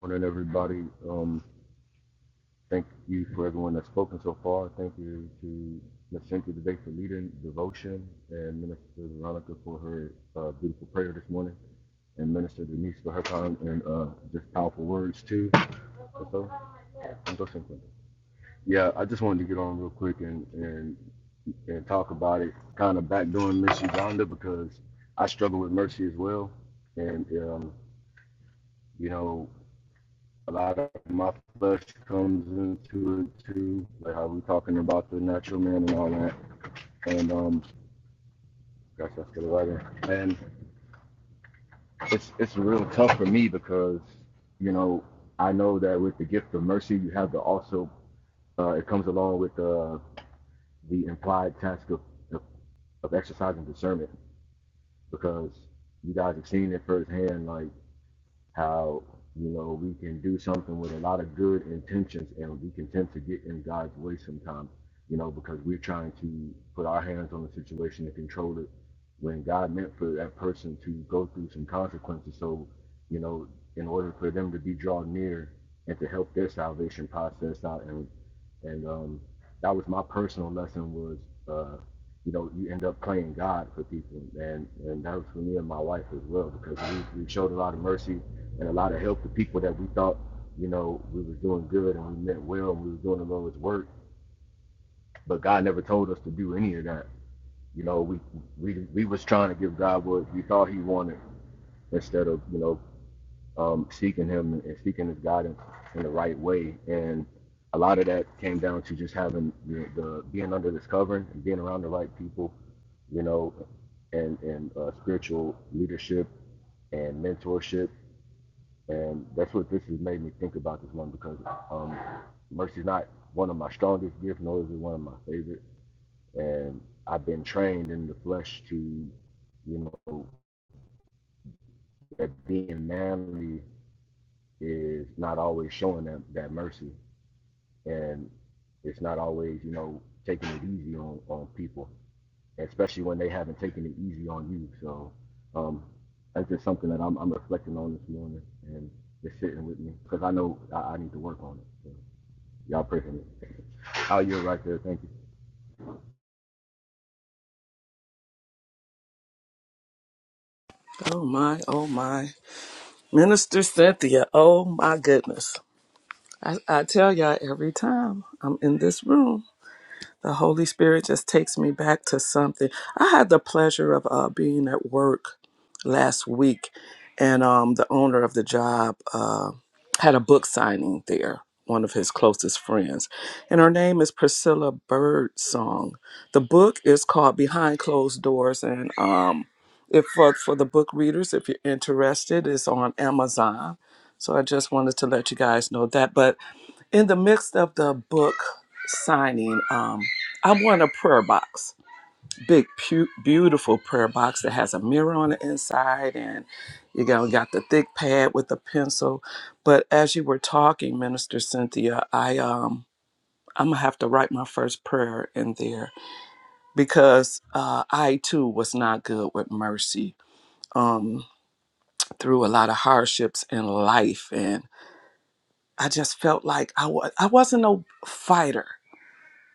Speaker 6: morning, everybody. Um, thank you for everyone that's spoken so far. Thank you to Miss Cynthia today for leading devotion and Minister Veronica for her uh, beautiful prayer this morning and Minister Denise for her time and uh, just powerful words too. And so, I'm so simple. yeah, I just wanted to get on real quick and, and, and talk about it, kind of backdoing Miss Uganda because I struggle with mercy as well. And, um, you know, a lot of my flesh comes into it too, like how we talking about the natural man and all that. And um, gosh, that's the writing. And it's it's real tough for me because you know I know that with the gift of mercy, you have to also uh, it comes along with uh, the implied task of of exercising discernment because you guys have seen it firsthand, like how you know we can do something with a lot of good intentions and we can tend to get in God's way sometimes, you know, because we're trying to put our hands on the situation and control it when God meant for that person to go through some consequences. So, you know, in order for them to be drawn near and to help their salvation process out and and um that was my personal lesson was uh you know, you end up playing God for people, and and that was for me and my wife as well because we, we showed a lot of mercy and a lot of help to people that we thought, you know, we was doing good and we meant well and we was doing the Lord's work. But God never told us to do any of that. You know, we we we was trying to give God what we thought He wanted instead of you know um, seeking Him and seeking His guidance in the right way. And a lot of that came down to just having the, the being under this covering and being around the right people, you know, and and uh, spiritual leadership and mentorship And that's what this has made me think about this one because um, mercy's not one of my strongest gifts, nor is it one of my favorite. And I've been trained in the flesh to, you know, that being manly is not always showing that, that mercy. And it's not always, you know, taking it easy on, on people, especially when they haven't taken it easy on you. So um, that's just something that I'm, I'm reflecting on this morning and it's sitting with me because I know I, I need to work on it. So. Y'all pray for me. i you yield right there. Thank you.
Speaker 7: Oh my, oh my. Minister Cynthia, oh my goodness. I, I tell y'all every time I'm in this room. The Holy Spirit just takes me back to something. I had the pleasure of uh, being at work last week, and um, the owner of the job uh, had a book signing there. One of his closest friends, and her name is Priscilla Birdsong. The book is called Behind Closed Doors, and um, if for, for the book readers, if you're interested, it's on Amazon. So I just wanted to let you guys know that. But in the midst of the book signing, um, I won a prayer box, big, pu- beautiful prayer box that has a mirror on the inside, and you know, got the thick pad with the pencil. But as you were talking, Minister Cynthia, I um, I'm gonna have to write my first prayer in there because uh, I too was not good with mercy. Um, through a lot of hardships in life, and I just felt like I was I wasn't no fighter.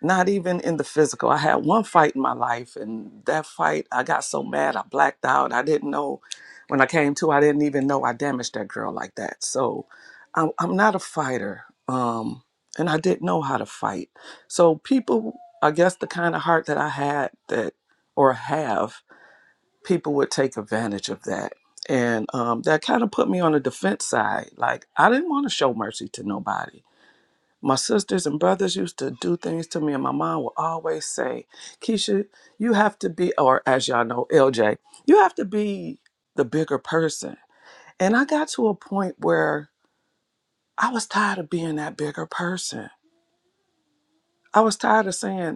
Speaker 7: not even in the physical. I had one fight in my life, and that fight, I got so mad, I blacked out. I didn't know when I came to, I didn't even know I damaged that girl like that. So I'm, I'm not a fighter, um, and I didn't know how to fight. So people, I guess the kind of heart that I had that, or have, people would take advantage of that. And um, that kind of put me on the defense side. Like, I didn't want to show mercy to nobody my sisters and brothers used to do things to me, and my mom would always say, Keisha, you have to be, or as y'all know, LJ, you have to be the bigger person. And I got to a point where I was tired of being that bigger person. I was tired of saying,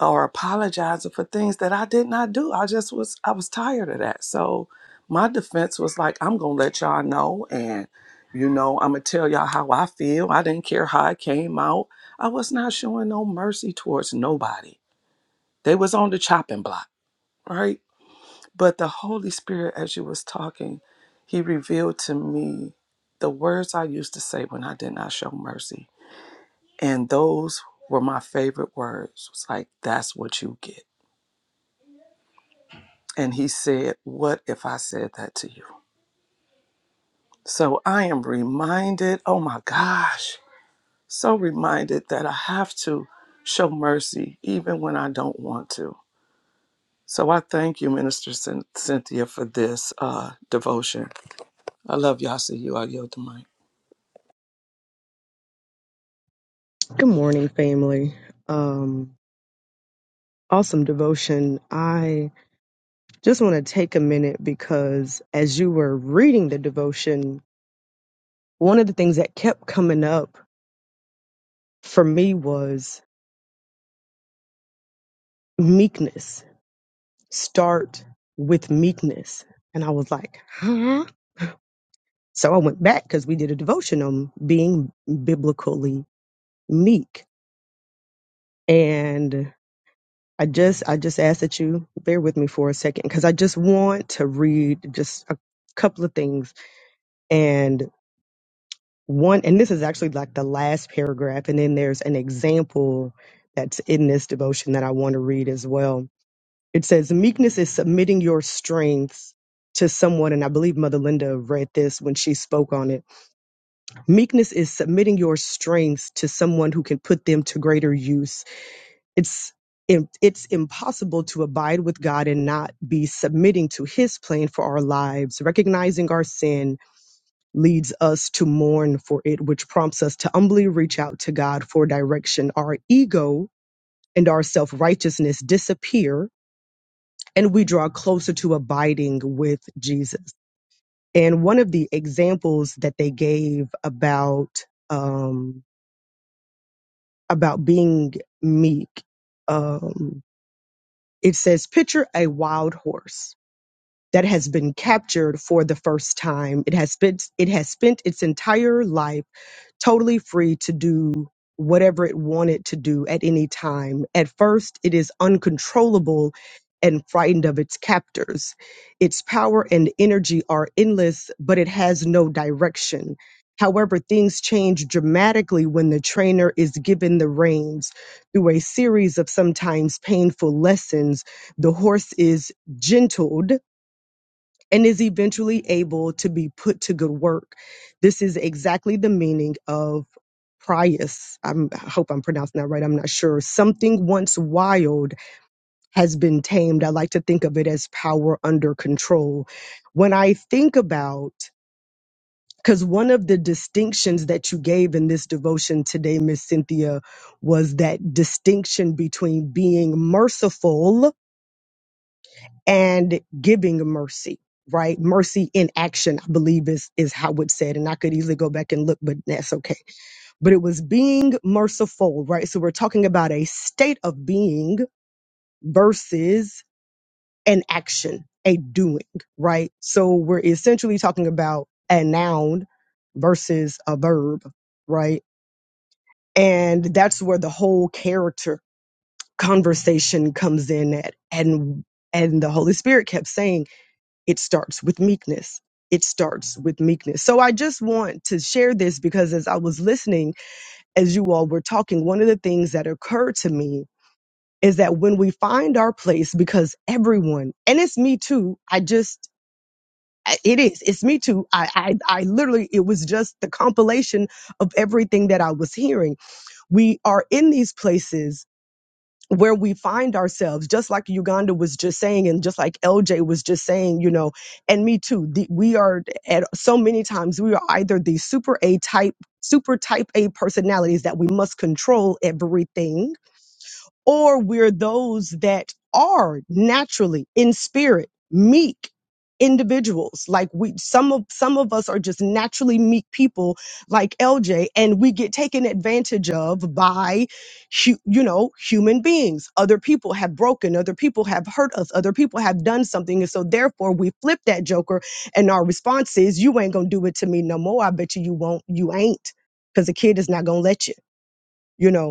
Speaker 7: or apologizing for things that I did not do. I just was I was tired of that. So my defense was like, I'm gonna let y'all know and you know, I'm gonna tell y'all how I feel. I didn't care how it came out. I was not showing no mercy towards nobody. They was on the chopping block, right? But the Holy Spirit, as you was talking, he revealed to me the words I used to say when I did not show mercy. And those were my favorite words. It's like, that's what you get And he said, What if I said that to you? So I am reminded, oh my gosh, so reminded that I have to show mercy even when I don't want to. So I thank you, Minister Cyn- Cynthia, for this uh, devotion. I love y'all. See you. I yield the mic.
Speaker 8: Good morning, family. Um, awesome devotion. I just want to take a minute because as you were reading the devotion, one of the things that kept coming up for me was meekness. Start with meekness. And I was like, huh? So I went back because we did a devotion on being biblically meek. And I just I just ask that you bear with me for a second because I just want to read just a couple of things and one and this is actually like the last paragraph and then there's an example that's in this devotion that i want to read as well it says meekness is submitting your strengths to someone and i believe mother linda read this when she spoke on it meekness is submitting your strengths to someone who can put them to greater use it's im- it's impossible to abide with God and not be submitting to his plan for our lives, recognizing our sin leads us to mourn for it, which prompts us to humbly reach out to God for direction. Our ego and our self righteousness disappear, and we draw closer to abiding with Jesus. And one of the examples that they gave about um, about being meek, um, it says, "Picture a wild horse." That has been captured for the first time. It has spent it has spent its entire life totally free to do whatever it wanted to do at any time. At first, it is uncontrollable and frightened of its captors. Its power and energy are endless, but it has no direction. However, things change dramatically when the trainer is given the reins. Through a series of sometimes painful lessons, the horse is gentled and is eventually able to be put to good work. This is exactly the meaning of prius. I'm, I hope I'm pronouncing that right. I'm not sure. Something once wild has been tamed. I like to think of it as power under control. When I think about because one of the distinctions that you gave in this devotion today, Miss Cynthia, was that distinction between being merciful and giving mercy right mercy in action i believe is is how it's said and i could easily go back and look but that's okay but it was being merciful right so we're talking about a state of being versus an action a doing right so we're essentially talking about a noun versus a verb right and that's where the whole character conversation comes in at and and the holy spirit kept saying it starts with meekness. It starts with meekness. So I just want to share this because as I was listening, as you all were talking, one of the things that occurred to me is that when we find our place, because everyone, and it's me too, I just, I- it is, it's me too. I, I, I literally, it was just the compilation of everything that I was hearing. We are in these places where we find ourselves, just like Uganda was just saying, and just like LJ was just saying, you know, and me too. The, we are at so many times we are either the super A type, super type A personalities that we must control everything, or we're those that are naturally in spirit meek individuals like we some of some of us are just naturally meek people like LJ and we get taken advantage of by hu- you know human beings other people have broken other people have hurt us other people have done something and so therefore we flip that joker and our response is you ain't going to do it to me no more I bet you you won't you ain't cuz the kid is not going to let you you know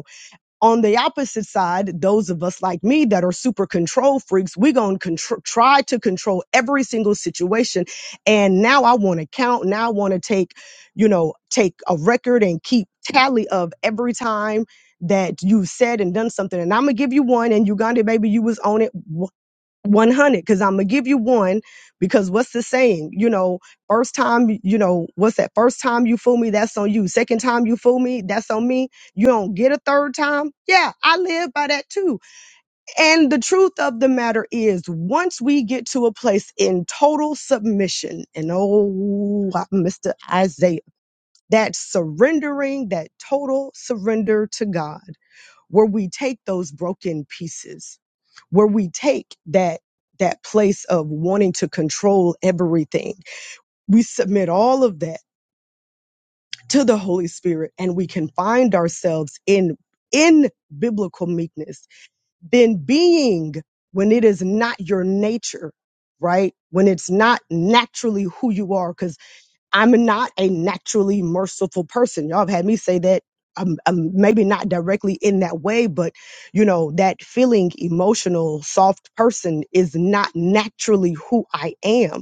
Speaker 8: on the opposite side, those of us like me that are super control freaks, we're going to contr- try to control every single situation. And now I want to count. Now I want to take, you know, take a record and keep tally of every time that you've said and done something. And I'm going to give you one. And Uganda, baby, you was on it. 100 because i'm gonna give you one because what's the saying you know first time you know what's that first time you fool me that's on you second time you fool me that's on me you don't get a third time yeah i live by that too and the truth of the matter is once we get to a place in total submission and oh mr isaiah that surrendering that total surrender to god where we take those broken pieces where we take that that place of wanting to control everything we submit all of that to the holy spirit and we can find ourselves in in biblical meekness then being when it is not your nature right when it's not naturally who you are because. I'm not a naturally merciful person. Y'all have had me say that. Um, um, maybe not directly in that way, but you know, that feeling emotional, soft person is not naturally who I am.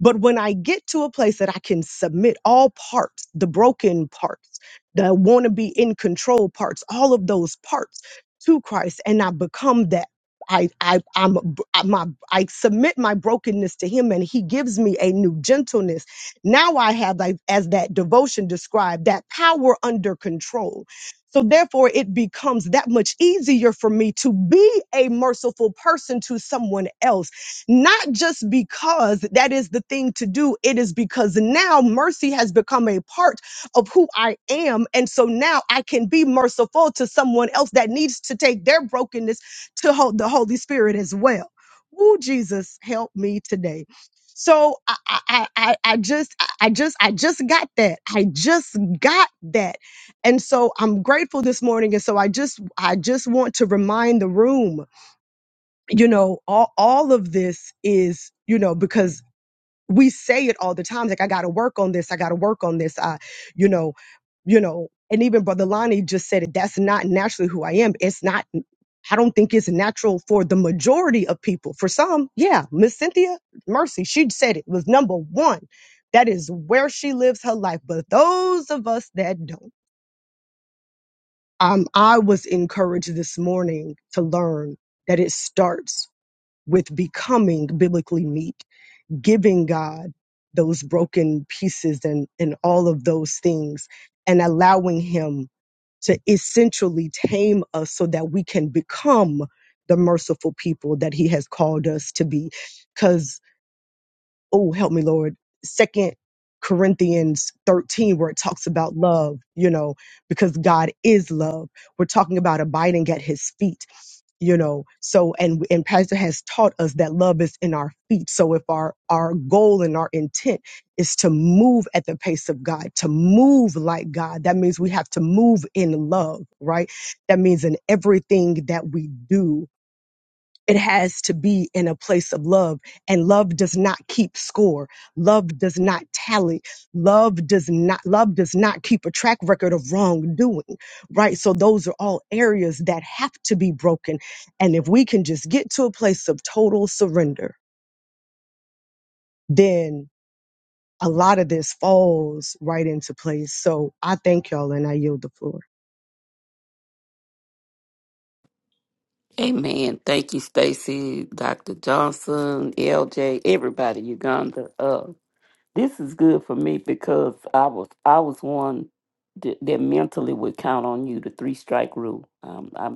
Speaker 8: But when I get to a place that I can submit all parts, the broken parts, the want to be in control parts, all of those parts to Christ, and I become that. I I I'm a b- I- my I submit my brokenness to Him, and He gives me a new gentleness. Now I have, like, as that devotion described, that power under control. So therefore, it becomes that much easier for me to be a merciful person to someone else not just because that is the thing to do, it is because now mercy has become a part of who I am. And so now I can be merciful to someone else that needs to take their brokenness to hold the Holy Spirit as well. Woo, Jesus, help me today. So I, I, I, I I just, I I just, I just got that. I just got that. And so I'm grateful this morning. And so I just, I just want to remind the room you know all all of this is you know because we say it all the time like i gotta work on this i gotta work on this i you know you know and even brother lonnie just said it that's not naturally who i am it's not i don't think it's natural for the majority of people for some yeah miss cynthia mercy she said it was number one that is where she lives her life but those of us that don't um, i was encouraged this morning to learn that it starts with becoming biblically meek, giving God those broken pieces and, and all of those things, and allowing Him to essentially tame us so that we can become the merciful people that He has called us to be. because oh help me lord second corinthians 13 where it talks about love you know because god is love we're talking about abiding at his feet you know so and and pastor has taught us that love is in our feet so if our our goal and our intent is to move at the pace of god to move like god that means we have to move in love right that means in everything that we do it has to be in a place of love. And love does not keep score. Love does not tally. Love does not, love does not keep a track record of wrongdoing, right? So those are all areas that have to be broken. And if we can just get to a place of total surrender, then a lot of this falls right into place. So I thank y'all and I yield the floor.
Speaker 4: Amen. Thank you, Stacy, Dr. Johnson, LJ, everybody, Uganda. Uh, this is good for me because I was I was one that, that mentally would count on you, the three strike rule. Um, I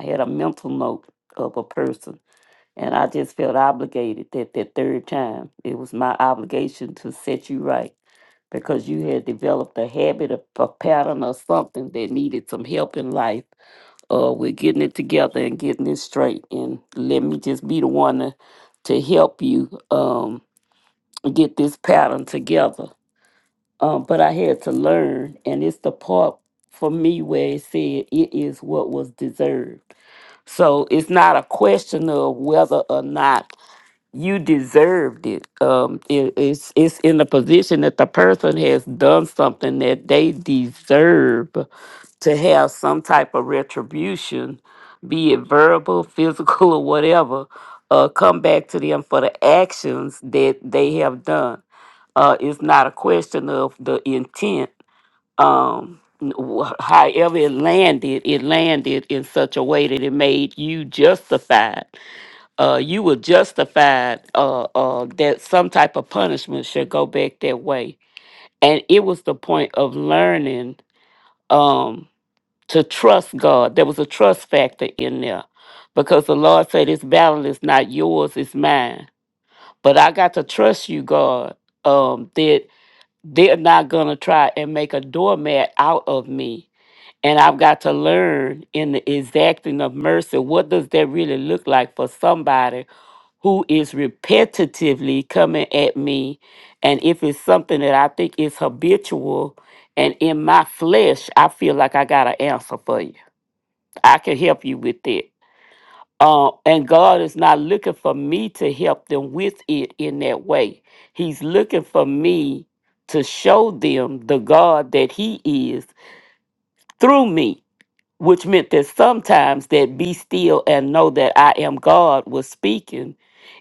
Speaker 4: I had a mental note of a person, and I just felt obligated that that third time it was my obligation to set you right because you had developed a habit, a, a pattern, or something that needed some help in life uh, we're getting it together and getting it straight. And let me just be the one to, to help you um, get this pattern together. Um, but I had to learn, and it's the part for me where it said it is what was deserved. So it's not a question of whether or not you deserved it. Um, it, it's it's in the position that the person has done something that they deserve to have some type of retribution, be it verbal, physical, or whatever, uh, come back to them for the actions that they have done. Uh, it's not a question of the intent. Um, n- wh- however it landed, it landed in such a way that it made you justified uh, you were justified uh, uh, that some type of punishment should go back that way. And it was the point of learning um, to trust God. There was a trust factor in there because the Lord said, This battle is not yours, it's mine. But I got to trust you, God, um, that they're not going to try and make a doormat out of me. And I've got to learn in the exacting of mercy what does that really look like for somebody who is repetitively coming at me. And if it's something that I think is habitual and in my flesh, I feel like I got an answer for you. I can help you with it. Uh, and God is not looking for me to help them with it in that way. He's looking for me to show them the God that He is through me, which meant that sometimes that be still and know that I am God was speaking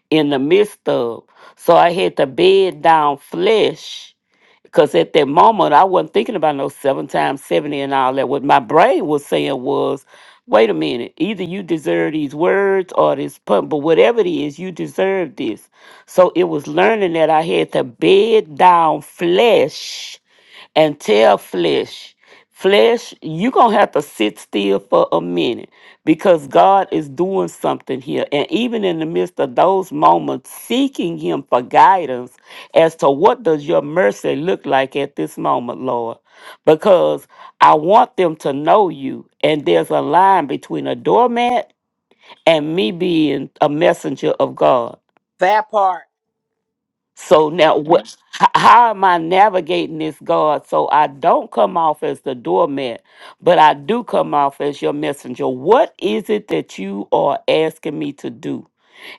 Speaker 4: in the midst of. So I had to bed down flesh because at that moment I wasn't thinking about no seven times 70 and all that. What my brain was saying was, Wait a minute. Either you deserve these words or this pun, but whatever it is, you deserve this. So it was learning that I had to bed down flesh and tell flesh, flesh, you're going to have to sit still for a minute because God is doing something here. And even in the midst of those moments, seeking Him for guidance as to what does your mercy look like at this moment, Lord. Because I want them to know you. And there's a line between a doormat and me being a messenger of God.
Speaker 3: That part.
Speaker 4: So now, what? Mhm. h- How am I navigating this, God? So I don't come off as the doormat, but I do come off as your messenger. What is it that you are asking me to do?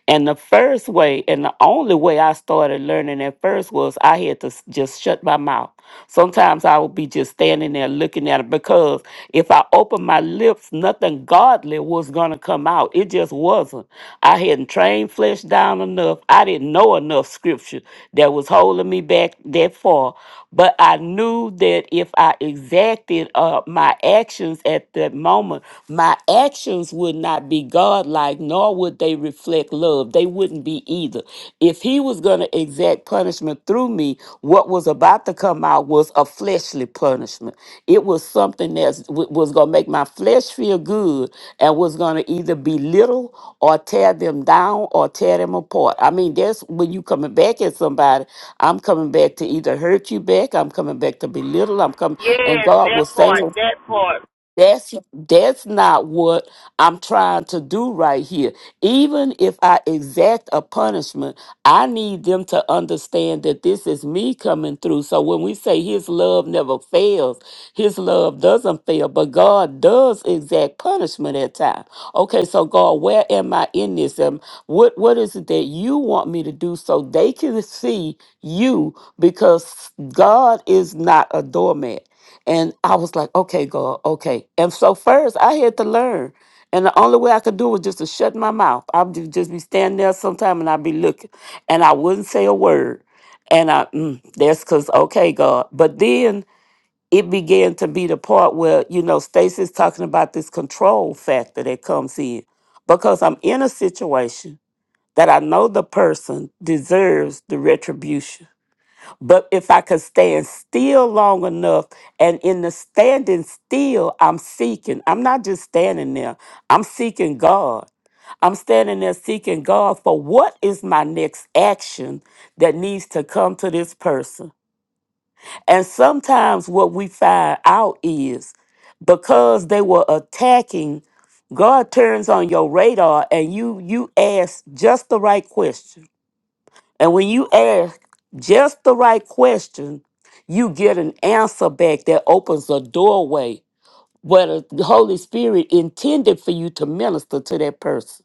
Speaker 4: And the first way, and the only way I started learning at first was I had to s- just shut my mouth. Sometimes I would be just standing there looking at it because if I opened my lips, nothing godly was going to come out. It just wasn't. I hadn't trained flesh down enough. I didn't know enough scripture that was holding me back that far. But I knew that if I exacted uh, my actions at that moment, my actions would not be godlike, nor would they reflect love, they wouldn't be either. If he was going to exact punishment through me, what was about to come out was a fleshly punishment. It was something that was going to make my flesh feel good and was going to either belittle or tear them down or tear them apart. I mean, that's when you coming back at somebody, I'm coming back to either hurt you back, I'm coming back to belittle, I'm coming, and
Speaker 1: Yes,
Speaker 4: God was
Speaker 1: that
Speaker 4: saying
Speaker 1: part, that part.
Speaker 4: that's that's not what I'm trying to do right here. Even if I exact a punishment, I need them to understand that this is me coming through. So when we say his love never fails, his love doesn't fail, but God does exact punishment at times. Okay, so God, where am I in this? Um, what what is it that you want me to do so they can see you because God is not a doormat. And I was like, okay, God, okay. And so first I had to learn. And the only way I could do was just to shut my mouth. I would just be standing there sometime and I'd be looking. And I wouldn't say a word. And I, mm, that's because, okay, God. But then it began to be the part where, you know, Stacy's talking about this control factor that comes in. Because I'm in a situation that I know the person deserves the retribution but if I could stand still long enough, and in the standing still, I'm seeking. I'm not just standing there, I'm seeking God. I'm standing there seeking God for what is my next action that needs to come to this person. And sometimes what we find out is because they were attacking, God turns on your radar and you you ask just the right question and when you ask just the right question, you get an answer back that opens a doorway where the Holy Spirit intended for you to minister to that person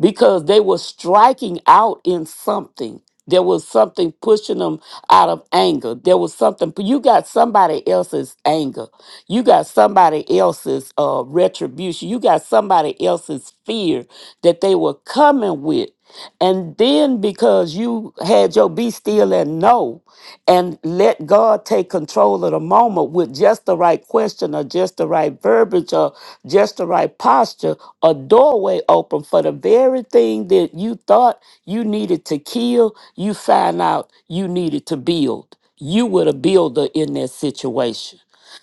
Speaker 4: because they were striking out in something. There was something pushing them out of anger. There was something. You got somebody else's anger. You got somebody else's uh, retribution. You got somebody else's fear that they were coming with. And then because you had your be still and know and let God take control of the moment with just the right question or just the right verbiage or just the right posture, a doorway open for the very thing that you thought you needed to kill, you find out you needed to build. You were the builder in that situation.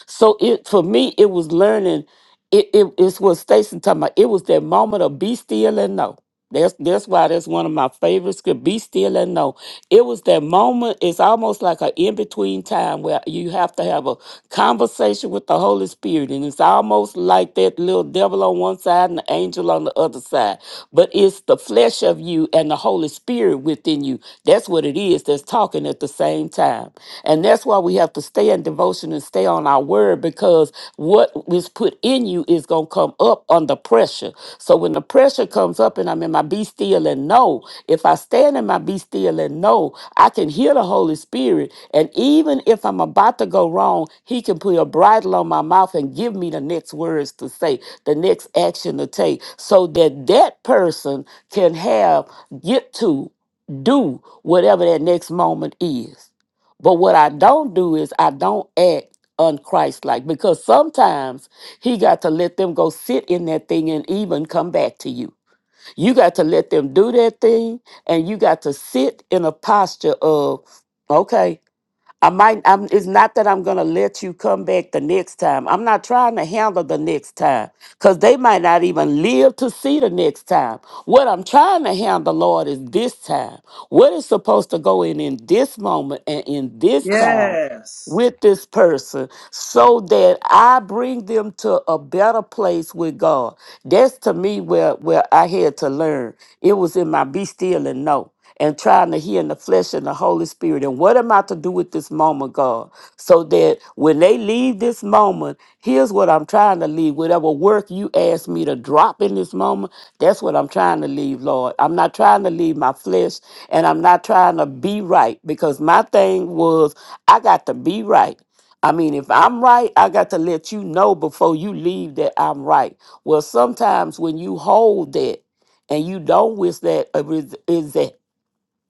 Speaker 4: So it for me, it was learning. It, it it's what Stacy talking about. It was that moment of be still and know. That's that's why that's one of my favorite scripts. Be still and know it was that moment, it's almost like an in between time where you have to have a conversation with the Holy Spirit. And it's almost like that little devil on one side and the angel on the other side. But it's the flesh of you and the Holy Spirit within you. That's what it is that's talking at the same time. And that's why we have to stay in devotion and stay on our word because what is put in you is going to come up under pressure. So when the pressure comes up and I'm in my be still and know, if I stand in my be still and know, I can hear the Holy Spirit. And even if I'm about to go wrong, He can put a bridle on my mouth and give me the next words to say, the next action to take, so that that person can have, get to, do whatever that next moment is. But what I don't do is I don't act unchristlike because sometimes he got to let them go sit in that thing and even come back to you. You got to let them do that thing and you got to sit in a posture of, okay, I might, I'm, it's not that I'm going to let you come back the next time. I'm not trying to handle the next time because they might not even live to see the next time. What I'm trying to handle, Lord, is this time. What is supposed to go in in this moment and in this time
Speaker 7: Yes.
Speaker 4: with this person so that I bring them to a better place with God. That's to me where, where I had to learn. It was in my be still and know and trying to hear in the flesh and the Holy Spirit. And what am I to do with this moment, God? So that when they leave this moment, moment. Here's what I'm trying to leave. Whatever work you ask me to drop in this moment, that's what I'm trying to leave, Lord. I'm not trying to leave my flesh and I'm not trying to be right because my thing was I got to be right. I mean, if I'm right, I got to let you know before you leave that I'm right. Well, sometimes when you hold that and you don't wish that uh, is is that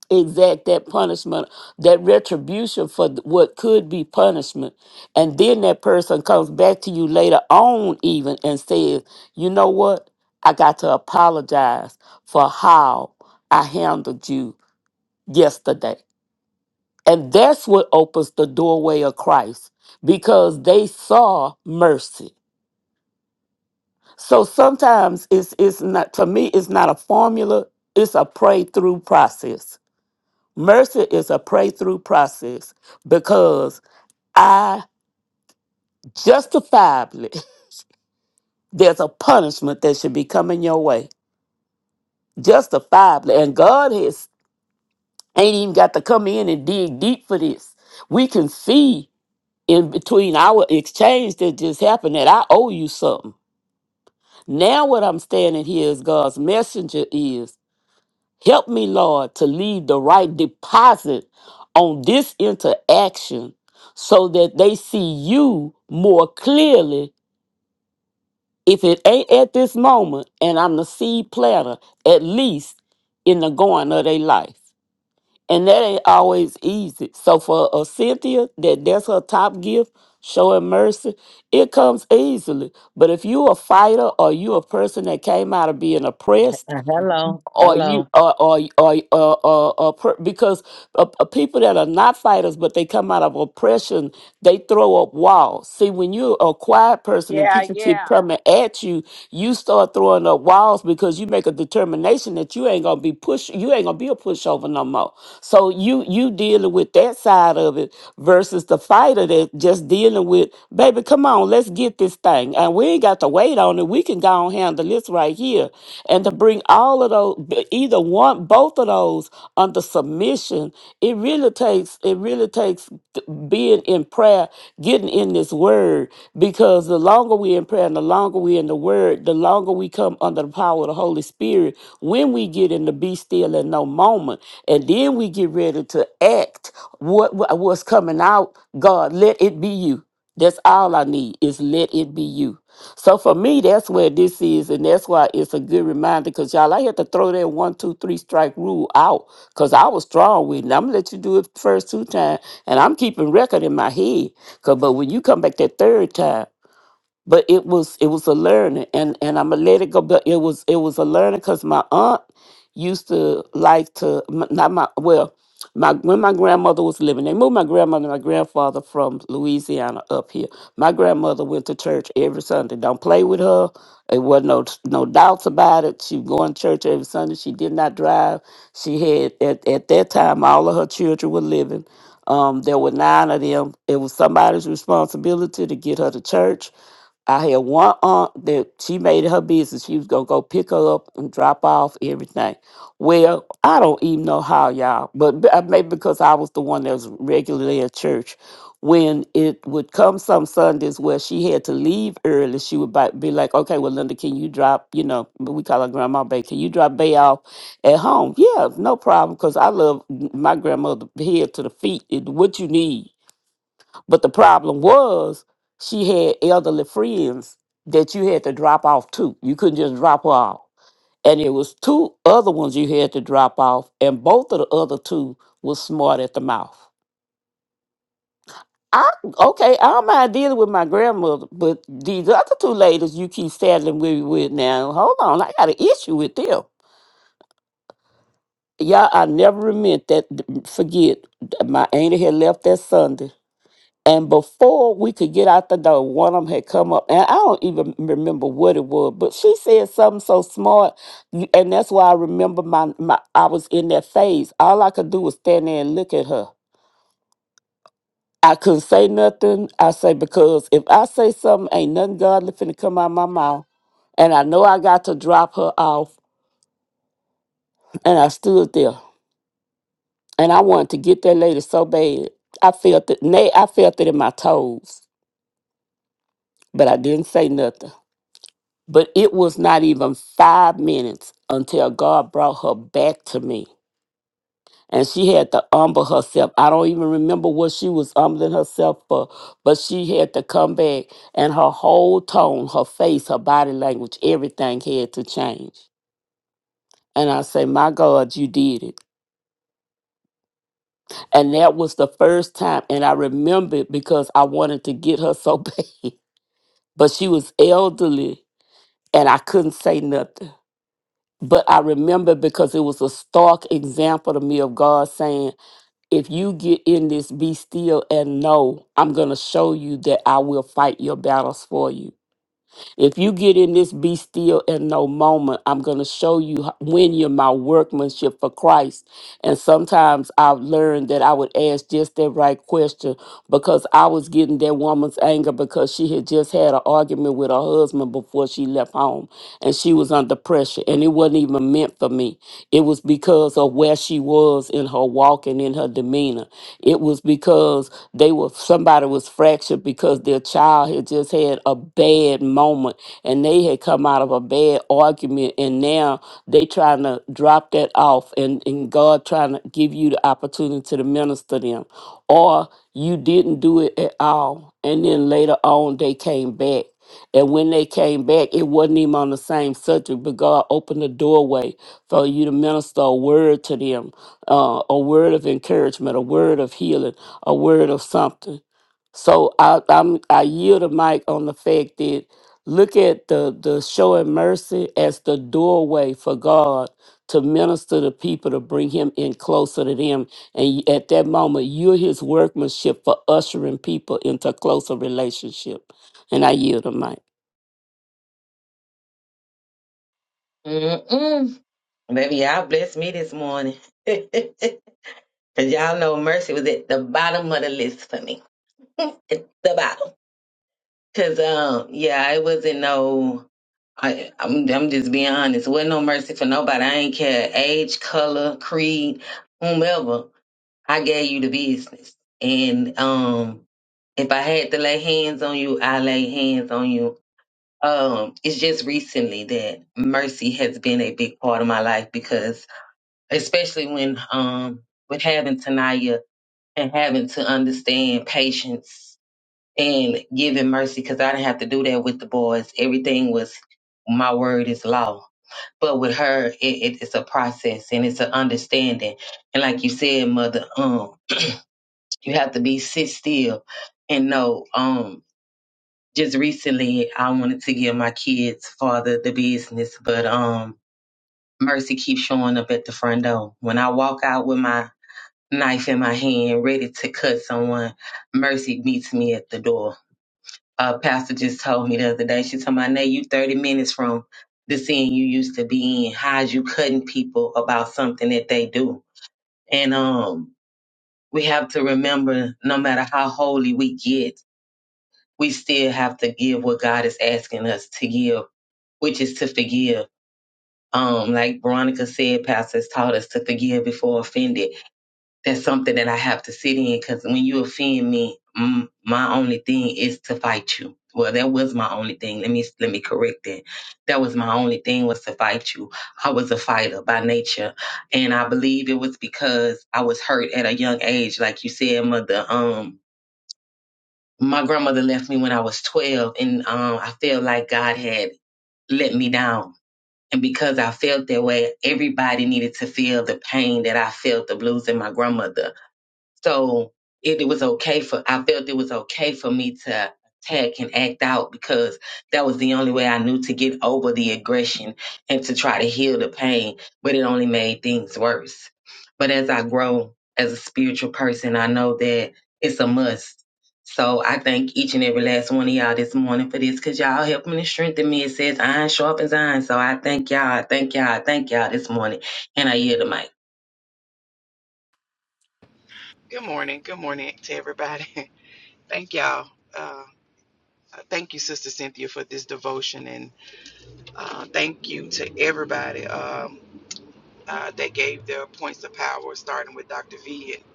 Speaker 4: exact that punishment, that retribution for th- what could be punishment. And then that person comes back to you later on, even and says, You know what? I got to apologize for how I handled you yesterday. And that's what opens the doorway of Christ because they saw mercy. So sometimes it's it's not to me it's not a formula, it's a pray through process Mercy is a pray through process because I justifiably, there's a punishment that should be coming your way. Justifiably. And God has ain't even got to come in and dig deep for this. We can see in between our exchange that just happened that I owe you something. Now, what I'm standing here as God's messenger is. Help me, Lord, to leave the right deposit on this interaction so that they see you more clearly. If it ain't at this moment and I'm the seed planter, at least in the going of their life. And that ain't always easy. So for a Cynthia, that that's her top gift, showing mercy, it comes easily. But if you a fighter or you a person that came out of being oppressed,
Speaker 9: Uh, hello,
Speaker 4: or you
Speaker 9: hello.
Speaker 4: or or or, or, or, or per, because uh, uh, people that are not fighters but they come out of oppression they throw up walls see when you're a quiet person and
Speaker 3: Yeah,
Speaker 4: people keep
Speaker 3: yeah.
Speaker 4: coming at you you start throwing up walls because you make a determination that you ain't gonna be push you ain't gonna be a pushover no more so you you dealing with that side of it versus the fighter that just dealing with baby come on let's get this thing and we ain't got to wait on it on it. We can go and handle this right here. And to bring all of those, either one, both of those under submission, it really takes, it really takes being in prayer, getting in this word, because the longer we're in prayer and the longer we're in the word, the longer we come under the power of the Holy Spirit when we get in the be still and no moment. And then we get ready to act what what- what's coming out. God, let it be you. That's all I need is let it be you. So for me, that's where this is, and that's why it's a good reminder. Cause y'all, I had to throw that one, two, three strike rule out. Cause I was strong with it. And I'm gonna let you do it first two times, and I'm keeping record in my head. Cause but when you come back that third time but it was it was a learning and and i'm gonna let it go but it was it was a learning because my aunt used to like to m- not my well my when my grandmother was living they moved my grandmother and my grandfather from louisiana up here my grandmother went to church every sunday don't play with her it wasn't no no doubts about it she was going to church every sunday she did not drive she had at, at that time all of her children were living um, there were nine of them it was somebody's responsibility to get her to church I had one aunt that she made it her business. She was gonna go pick her up and drop off everything. Well, I don't even know how y'all, but b- uh, maybe because I was the one that was regularly at church. When it would come some Sundays where she had to leave early, she would bi- be like, "Okay, well, Linda, can you drop? You know, we call her Grandma Bay. Can you drop Bay off at home? Yeah, no problem. Because I love my grandmother head to the feet. It, what you need." But the problem was she had elderly friends that you had to drop off to. You couldn't just drop her off. And it was two other ones you had to drop off, and both of the other two was smart at the mouth. I okay, I don't mind dealing with my grandmother, but these other two ladies you keep saddling me with now, hold on, I got an issue with them. Y'all, I never meant that forget my auntie had left that Sunday And before we could get out the door, one of them had come up, and I don't even remember what it was, but she said something so smart, you- and that's why I remember my, my I was in that phase. All I could do was stand there and look at her. I couldn't say nothing. I say because if I say something, ain't nothing godly finna come out my mouth. And I know I got to drop her off, and I stood there, and I wanted to get that lady so bad. I felt it. Nay, I felt it in my toes, but I didn't say nothing. But it was not even five minutes until God brought her back to me. And she had to humble herself. I don't even remember what she was humbling herself for, but she had to come back. And her whole tone, her face, her body language, everything had to change. And I say, My God, you did it. And that was the first time. And I remember it because I wanted to get her so bad. But she was elderly and I couldn't say nothing. But I remember because it was a stark example to me of God saying, if you get in this, be still and know, I'm going to show you that I will fight your battles for you. If you get in this be still and no moment, I'm going to show you h- when you're my workmanship for Christ. And sometimes I've learned that I would ask just that right question because I was getting that woman's anger because she had just had an argument with her husband before she left home and she was under pressure and it wasn't even meant for me. It was because of where she was in her walk and in her demeanor. It was because they were somebody was fractured because their child had just had a bad moment and they had come out of a bad argument and now they trying to drop that off and, and God trying to give you the opportunity to minister them. Or you didn't do it at all. And then later on they came back. And when they came back, it wasn't even on the same subject, but God opened the doorway for you to minister a word to them, uh, a word of encouragement, a word of healing, a word of something. So I I'm, I yield the mic on the fact that look at the the showing mercy as the doorway for God to minister to people to bring Him in closer to them, and y- at that moment you're His workmanship for ushering people into a closer relationship. And I yield the mic.
Speaker 9: Mm-mm. Baby, y'all blessed me this morning. Cause y'all know Mercy was at the bottom of the list for me. at the bottom. Cause um, yeah, it wasn't no I, I'm I'm just being honest. Wasn't no mercy for nobody. I ain't care age, color, creed, whomever. I gave you the business. And um if I had to lay hands on you, I lay hands on you Um, it's just recently that mercy has been a big part of my life because, especially when um, with having Tanaya and having to understand patience and giving mercy, because I didn't have to do that with the boys. Everything was my word is law, but with her, it, it, it's a process and it's an understanding. And like you said, mother, um, you have to be sit still and know. Um, just recently I wanted to give my kids father the business, but um Mercy keeps showing up at the front door. When I walk out with my knife in my hand, ready to cut someone, Mercy meets me at the door. A pastor just told me the other day, she told my Nay, you thirty minutes from the scene you used to be in. How's you cutting people about something that they do? And um we have to remember no matter how holy we get, we still have to give what God is asking us to give which is to forgive. Um, like Veronica said, pastors taught us to forgive before offended. That's something that I have to sit in because when you offend me, mm, my only thing is to fight you. Well, that was my only thing. Let me let me correct that. That was my only thing was to fight you. I was a fighter by nature, and I believe it was because I was hurt at a young age, like you said, mother. Um, my grandmother left me when I was twelve, and um, I feel like God had let me down and because I felt that way, everybody needed to feel the pain that I felt of losing my grandmother so it, it was okay for I felt it was okay for me to attack and act out because that was the only way I knew to get over the aggression and to try to heal the pain. But it only made things worse. But as I grow as a spiritual person, I know that it's a must. So I thank each and every last one of y'all this morning for this because y'all helped me to strengthen me. It says iron sharpens iron. So I thank y'all. I thank y'all. I thank y'all this morning. And I yield the mic.
Speaker 10: Good morning. Good morning to everybody. Thank y'all. Uh, thank you, Sister Cynthia, for this devotion, and uh, thank you to everybody um, uh, that gave their points of power, starting with Dr. V and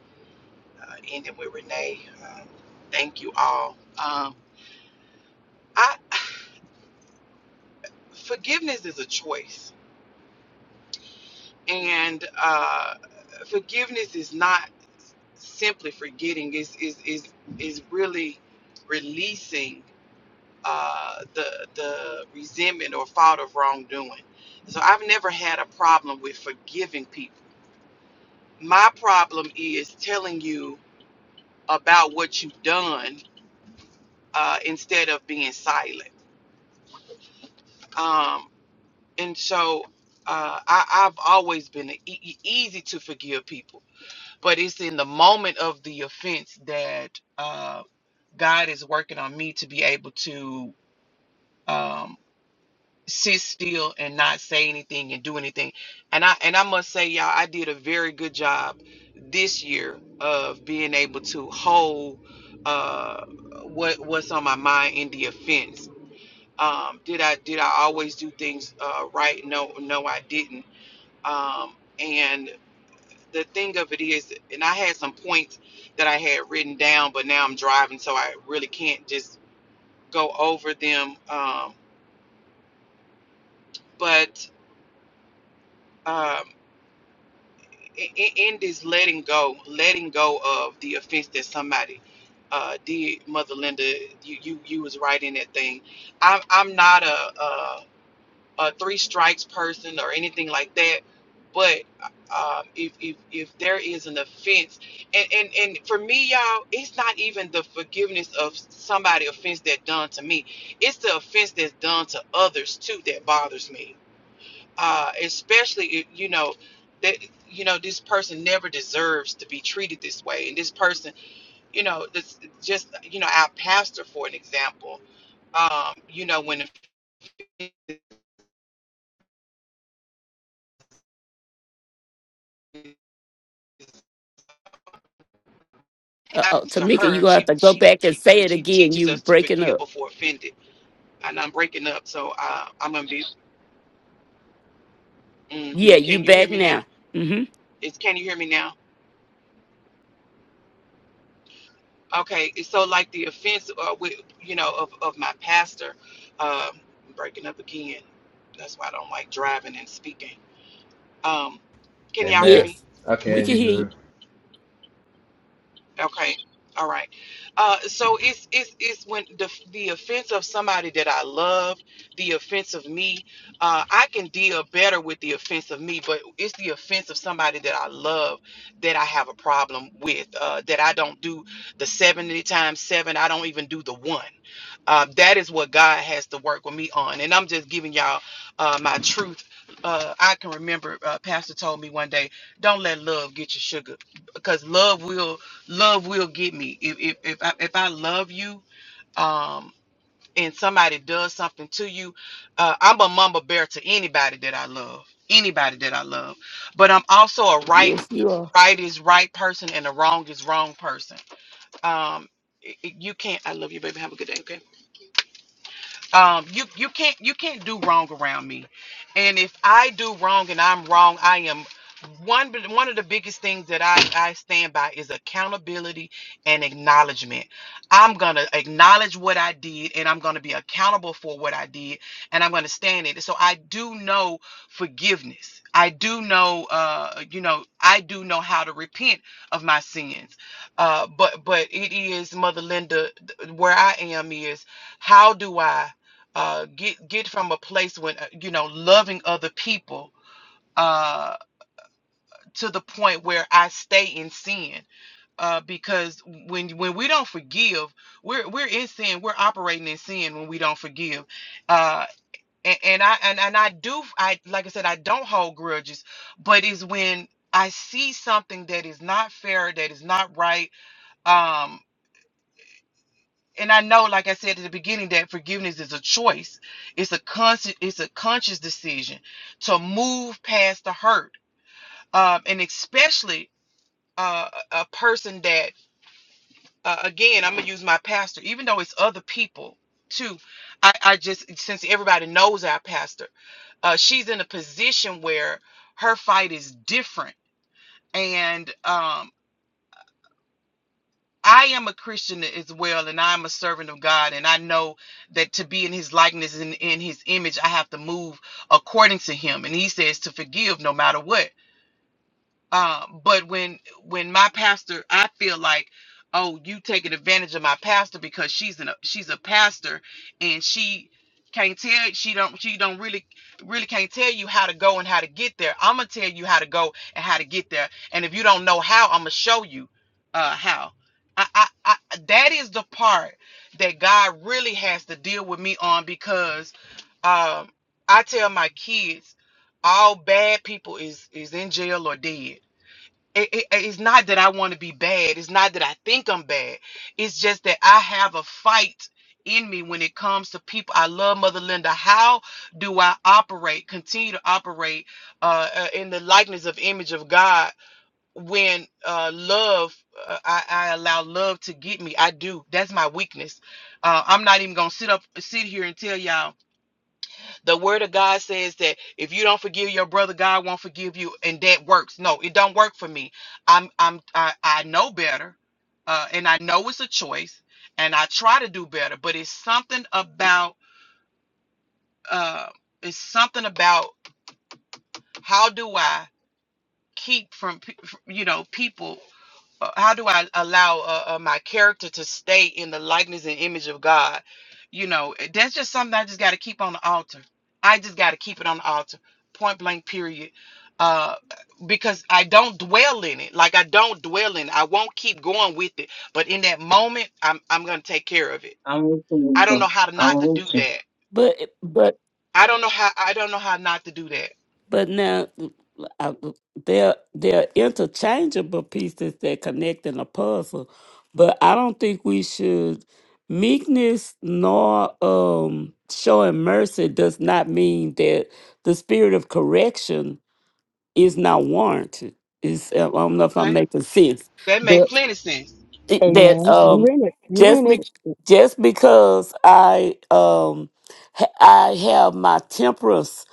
Speaker 10: uh, ending with Renee. Um, thank you all. Um, I forgiveness is a choice, and uh, forgiveness is not simply forgetting. Is is is is really releasing. uh, the the resentment or thought of wrongdoing. So I've never had a problem with forgiving people. My problem is telling you about what you've done uh, instead of being silent. Um, and so uh, I, I've always been e- e- easy to forgive people, but it's in the moment of the offense that uh, God is working on me to be able to. Um, sit still and not say anything and do anything. And I and I must say, y'all, I did a very good job this year of being able to hold uh what what's on my mind in the offense. Um, did I did I always do things uh, right? No, no, I didn't. Um, and the thing of it is, and I had some points that I had written down, but now I'm driving, so I really can't just go over them. Um, but um, i- i- in this letting go, letting go of the offense that somebody uh, did, Mother Linda, you, you you was right in that thing. I'm I'm not a, a a three strikes person or anything like that, but um, if if if there is an offense, and and and for me, y'all, it's not even the forgiveness of somebody offense that done to me. It's the offense that's done to others too that bothers me uh, especially if you know that you know this person never deserves to be treated this way and this person you know this just you know our pastor for an example um you know when it
Speaker 4: Uh oh,
Speaker 10: happens to
Speaker 4: Tamika,
Speaker 10: her
Speaker 4: you
Speaker 10: and
Speaker 4: gonna have
Speaker 10: she
Speaker 4: to go
Speaker 10: she
Speaker 4: back and
Speaker 10: she,
Speaker 4: say it
Speaker 10: she
Speaker 4: again.
Speaker 10: teaches
Speaker 4: You
Speaker 10: us to
Speaker 4: breaking
Speaker 10: forgive
Speaker 4: up.
Speaker 10: before offended and i'm breaking up so uh, i'm gonna be hmm
Speaker 4: Yeah, you
Speaker 10: can you hear
Speaker 4: back
Speaker 10: me now
Speaker 4: now. hmm
Speaker 10: is can you hear me now Okay, so like the offense, uh, with you know, of of my pastor, um, breaking up again. That's why I don't like driving and speaking. Um, can y'all hear
Speaker 6: Amen.
Speaker 10: me?
Speaker 4: Yes, we
Speaker 6: Okay, you
Speaker 4: can hear
Speaker 6: good.
Speaker 4: you.
Speaker 10: Okay. All right. Uh, so it's it's it's when the the offense of somebody that I love, the offense of me, uh, I can deal better with the offense of me, but it's the offense of somebody that I love that I have a problem with. Uh, that I don't do the seventy times seven. I don't even do the one. Uh, that is what God has to work with me on, and I'm just giving y'all uh, my truth. Uh, I can remember uh, Pastor told me one day, don't let love get you sugar, because love will love will get me if if if I, if I love you um and somebody does something to you uh, i'm a mama bear to anybody that i love anybody that i love but i'm also a right
Speaker 4: Yes, you are.
Speaker 10: right is right person and a wrong is wrong person um it- it- you can't i love you baby have a good day okay um, you you can't you can't do wrong around me, and if I do wrong and I'm wrong, I am one one of the biggest things that I I stand by is accountability and acknowledgement. I'm gonna acknowledge what I did, and I'm gonna be accountable for what I did, and I'm gonna stand in it. So I do know forgiveness. I do know, uh, you know, I do know how to repent of my sins. Uh, but but it is, Mother Linda, th- where I am is how do I uh, get get from a place when uh, you know loving other people uh, to the point where I stay in sin uh, because when when we don't forgive, we're we're in sin. We're operating in sin when we don't forgive. Uh, and, and I and, and I do I like I said I don't hold grudges, but it's when I see something that is not fair, that is not right. Um, and I know, like I said at the beginning, that forgiveness is a choice. It's a conscious, it's a conscious decision to move past the hurt, um, and especially uh, a a person that, uh, again, I'm gonna use my pastor, even though it's other people too. I, I just since everybody knows our pastor, uh, she's in a position where her fight is different, and um, I am a Christian as well, and I'm a servant of God, and I know that to be in His likeness and in His image, I have to move according to Him. And He says to forgive no matter what. Um, but when when my pastor, I feel like, oh, you taking advantage of my pastor because she's an she's a pastor and she can't tell she don't she don't really really can't tell you how to go and how to get there. I'm gonna tell you how to go and how to get there. And if you don't know how, I'm gonna show you uh how. I, I, I that is the part that God really has to deal with me on because um I tell my kids all bad people is is in jail or dead it, it- it's not that I want to be bad. It's not that I think I'm bad. It's just that I have a fight in me when it comes to people. I love Mother Linda. How do I operate, continue to operate uh, uh, in the likeness of image of God when uh, love, uh, I, I allow love to get me? I do. That's my weakness. Uh, I'm not even going to sit up, sit here and tell y'all. The word of God says that if you don't forgive your brother, God won't forgive you, and that works. No, it don't work for me. I'm I'm I, I know better, uh, and I know it's a choice, and I try to do better. But it's something about uh, it's something about how do I keep from pe- you know people. uh, how do I allow uh, uh, my character to stay in the likeness and image of God? You know, that's just something I just got to keep on the altar. I just got to keep it on the altar, point blank, period. Uh, because I don't dwell in it. Like I don't dwell in it. I won't keep going with it. But in that moment, I'm I'm gonna take care of it.
Speaker 9: I'm with
Speaker 10: I
Speaker 9: you.
Speaker 10: don't
Speaker 9: Lisa.
Speaker 10: know how to not
Speaker 9: I'm
Speaker 10: to
Speaker 9: with
Speaker 10: do
Speaker 9: you.
Speaker 10: that.
Speaker 4: But but
Speaker 10: I don't know how I don't know how not to do that.
Speaker 4: but now I, they're they're interchangeable pieces that connect in a puzzle. But I don't think we should meekness nor um showing mercy does not mean that the spirit of correction is not warranted. Is I don't know if I'm
Speaker 10: Okay,
Speaker 4: making sense.
Speaker 10: that makes plenty sense.
Speaker 4: it- that
Speaker 8: Amen. You
Speaker 4: um
Speaker 8: in it. You
Speaker 4: just
Speaker 8: in it.
Speaker 4: be, just because I um ha- I have my temperance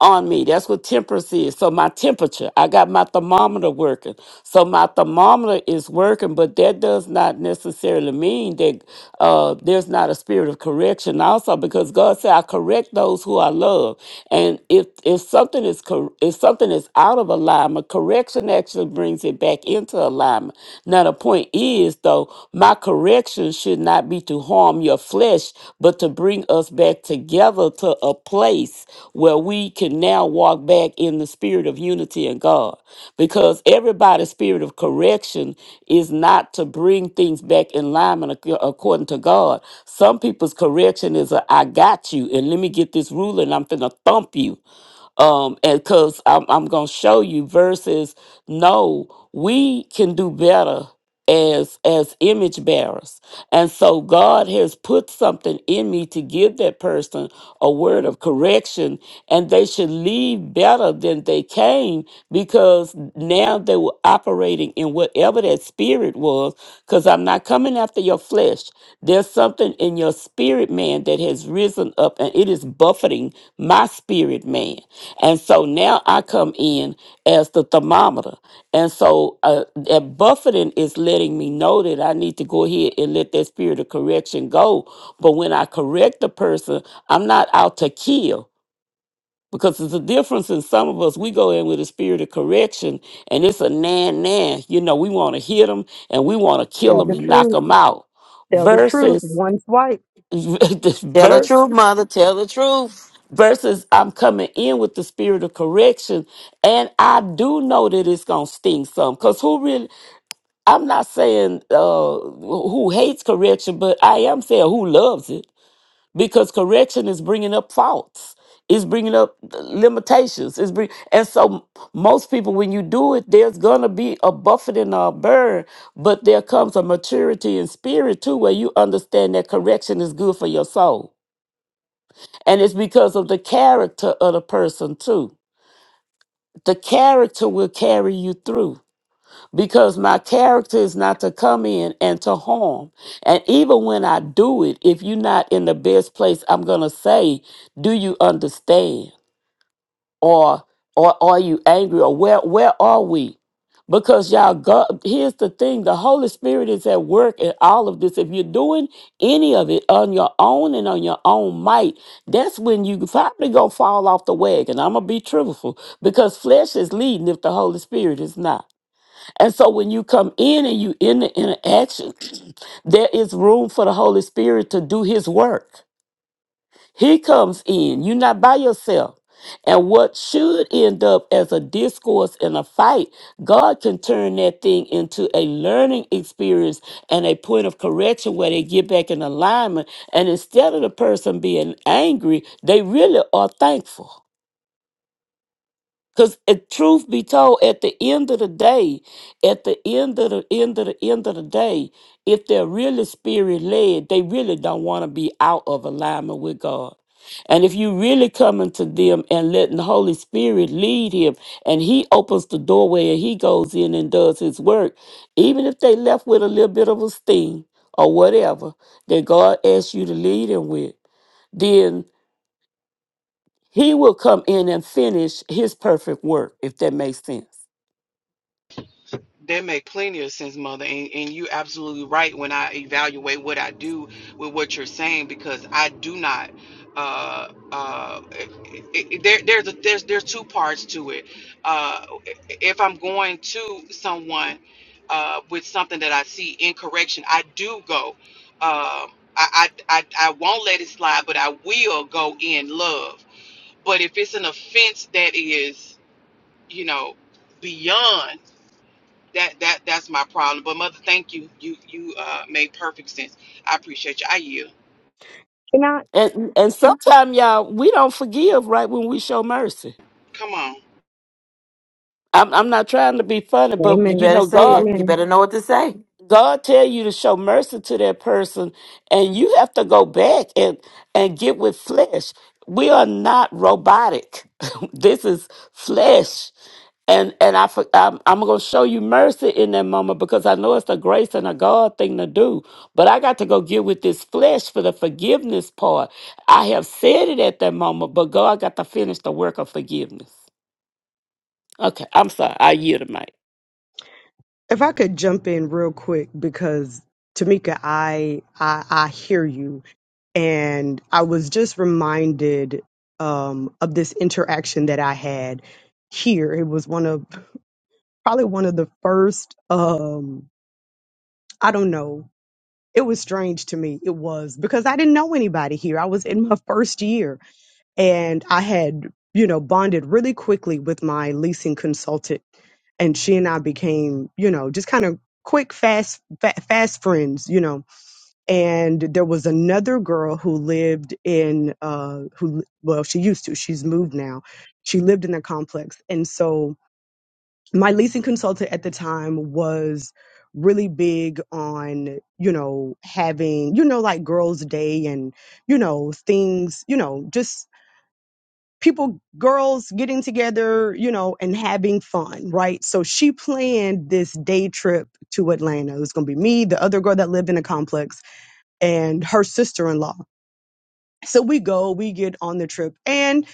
Speaker 4: on me. That's what temperance is. So my temperature, I got my thermometer working. So my thermometer is working, but that does not necessarily mean that uh, there's not a spirit of correction. Also, because God said, "I correct those who I love," and if if something is cor- if something is out of alignment, correction actually brings it back into alignment. Now the point is, though, my correction should not be to harm your flesh, but to bring us back back together to a place where we can now walk back in the spirit of unity and God. Because everybody's spirit of correction is not to bring things back in alignment ac- according to God. Some people's correction is a, I got you, and let me get this ruler, and I'm finna thump you um and because I'm, I'm gonna show you versus no we can do better as as image bearers and so god has put something in me to give that person a word of correction and they should leave better than they came because now they were operating in whatever that spirit was because I'm not coming after your flesh. There's something in your spirit man that has risen up and it is buffeting my spirit man. And so now I come in as the thermometer. And so uh, that buffeting is letting me know that I need to go ahead and let that spirit of correction go. But when I correct the person, I'm not out to kill. Because there's a difference in some of us, we go in with a spirit of correction and it's a nan nan. You know, we want to hit them and we want to kill
Speaker 8: Tell
Speaker 4: them
Speaker 8: the
Speaker 4: and knock
Speaker 8: truth.
Speaker 4: them out.
Speaker 8: Tell the truth.
Speaker 4: Versus,
Speaker 8: One swipe.
Speaker 4: this
Speaker 1: Tell the
Speaker 4: verse,
Speaker 1: truth, mother. Tell the truth.
Speaker 4: versus I'm coming in with the spirit of correction and I do know that it's going to sting some. Because who really, I'm not saying uh, who hates correction, but I am saying who loves it because correction is bringing up faults it's bringing up limitations it's bring and so most people when you do it there's gonna be a buffet and a burn but there comes a maturity in spirit too where you understand that correction is good for your soul and it's because of the character of the person too the character will carry you through because my character is not to come in and to harm. And even when I do it, if you're not in the best place, I'm gonna say, "Do you understand?" or "Or are you angry?" or "Where where are we?" Because y'all, God, here's the thing: the Holy Spirit is at work in all of this. If you're doing any of it on your own and on your own might, that's when you probably gonna fall off the wagon. I'm gonna be truthful because flesh is leading if the Holy Spirit is not. And so when you come in and you in the interaction, there is room for the Holy Spirit to do his work. He comes in. You're not by yourself. And what should end up as a discourse and a fight, God can turn that thing into a learning experience and a point of correction where they get back in alignment. And instead of the person being angry, they really are thankful. Because truth be told, at the end of the day, at the end of the end of the end of the day, if they're really spirit led, they really don't want to be out of alignment with God. And if you really coming to them and letting the Holy Spirit lead him, and he opens the doorway and he goes in and does his work, even if they left with a little bit of a sting or whatever that God asks you to lead him with, then he will come in and finish his perfect work, if that makes sense.
Speaker 10: That make plenty of sense, mother, and, and you absolutely right when I evaluate what I do with what you're saying because I do not. Uh, uh, it, it, it- there, there's a, there's there's two parts to it. Uh, if I'm going to someone uh, with something that I see in correction, I do go. Uh, I, I I I won't let it slide, but I will go in love. But if it's an offense that is, you know, beyond that that that's my problem. But mother, thank you. You you uh made perfect sense. I appreciate you. I yield.
Speaker 8: Cannot.
Speaker 4: And and sometimes y'all we don't forgive right when we show mercy.
Speaker 10: Come on.
Speaker 4: I'm I'm not trying to be funny,
Speaker 1: You
Speaker 4: but you
Speaker 8: Amen.
Speaker 1: better
Speaker 4: know
Speaker 1: say it.
Speaker 4: God
Speaker 1: You
Speaker 8: Amen.
Speaker 1: better know what to say.
Speaker 4: God tell you to show mercy to that person, and you have to go back and and get with flesh. We are not robotic. this is flesh. And and I for- I'm, I'm gonna show you mercy in that moment because I know it's a grace and a God thing to do. But I got to go get with this flesh for the forgiveness part. I have said it at that moment, but God got to finish the work of forgiveness. Okay, I'm sorry. I yield the mic.
Speaker 8: If I could jump in real quick because Tamika, I I, I hear you, and I was just reminded um, of this interaction that I had here. It was one of probably one of the first. Um, I don't know. It was strange to me. It was because I didn't know anybody here. I was in my first year, and I had you know bonded really quickly with my leasing consultant and she and I became, you know, just kind of quick, fast, fa- fast friends, you know. And there was another girl who lived in, uh, who well, she used to. She's moved now. She lived in a complex, and so my leasing consultant at the time was really big on you know having you know like girls day and you know things you know just people girls getting together you know and having fun right so she planned this day trip to atlanta it was going to be me the other girl that lived in a complex and her sister-in-law so we go, we get on the trip, and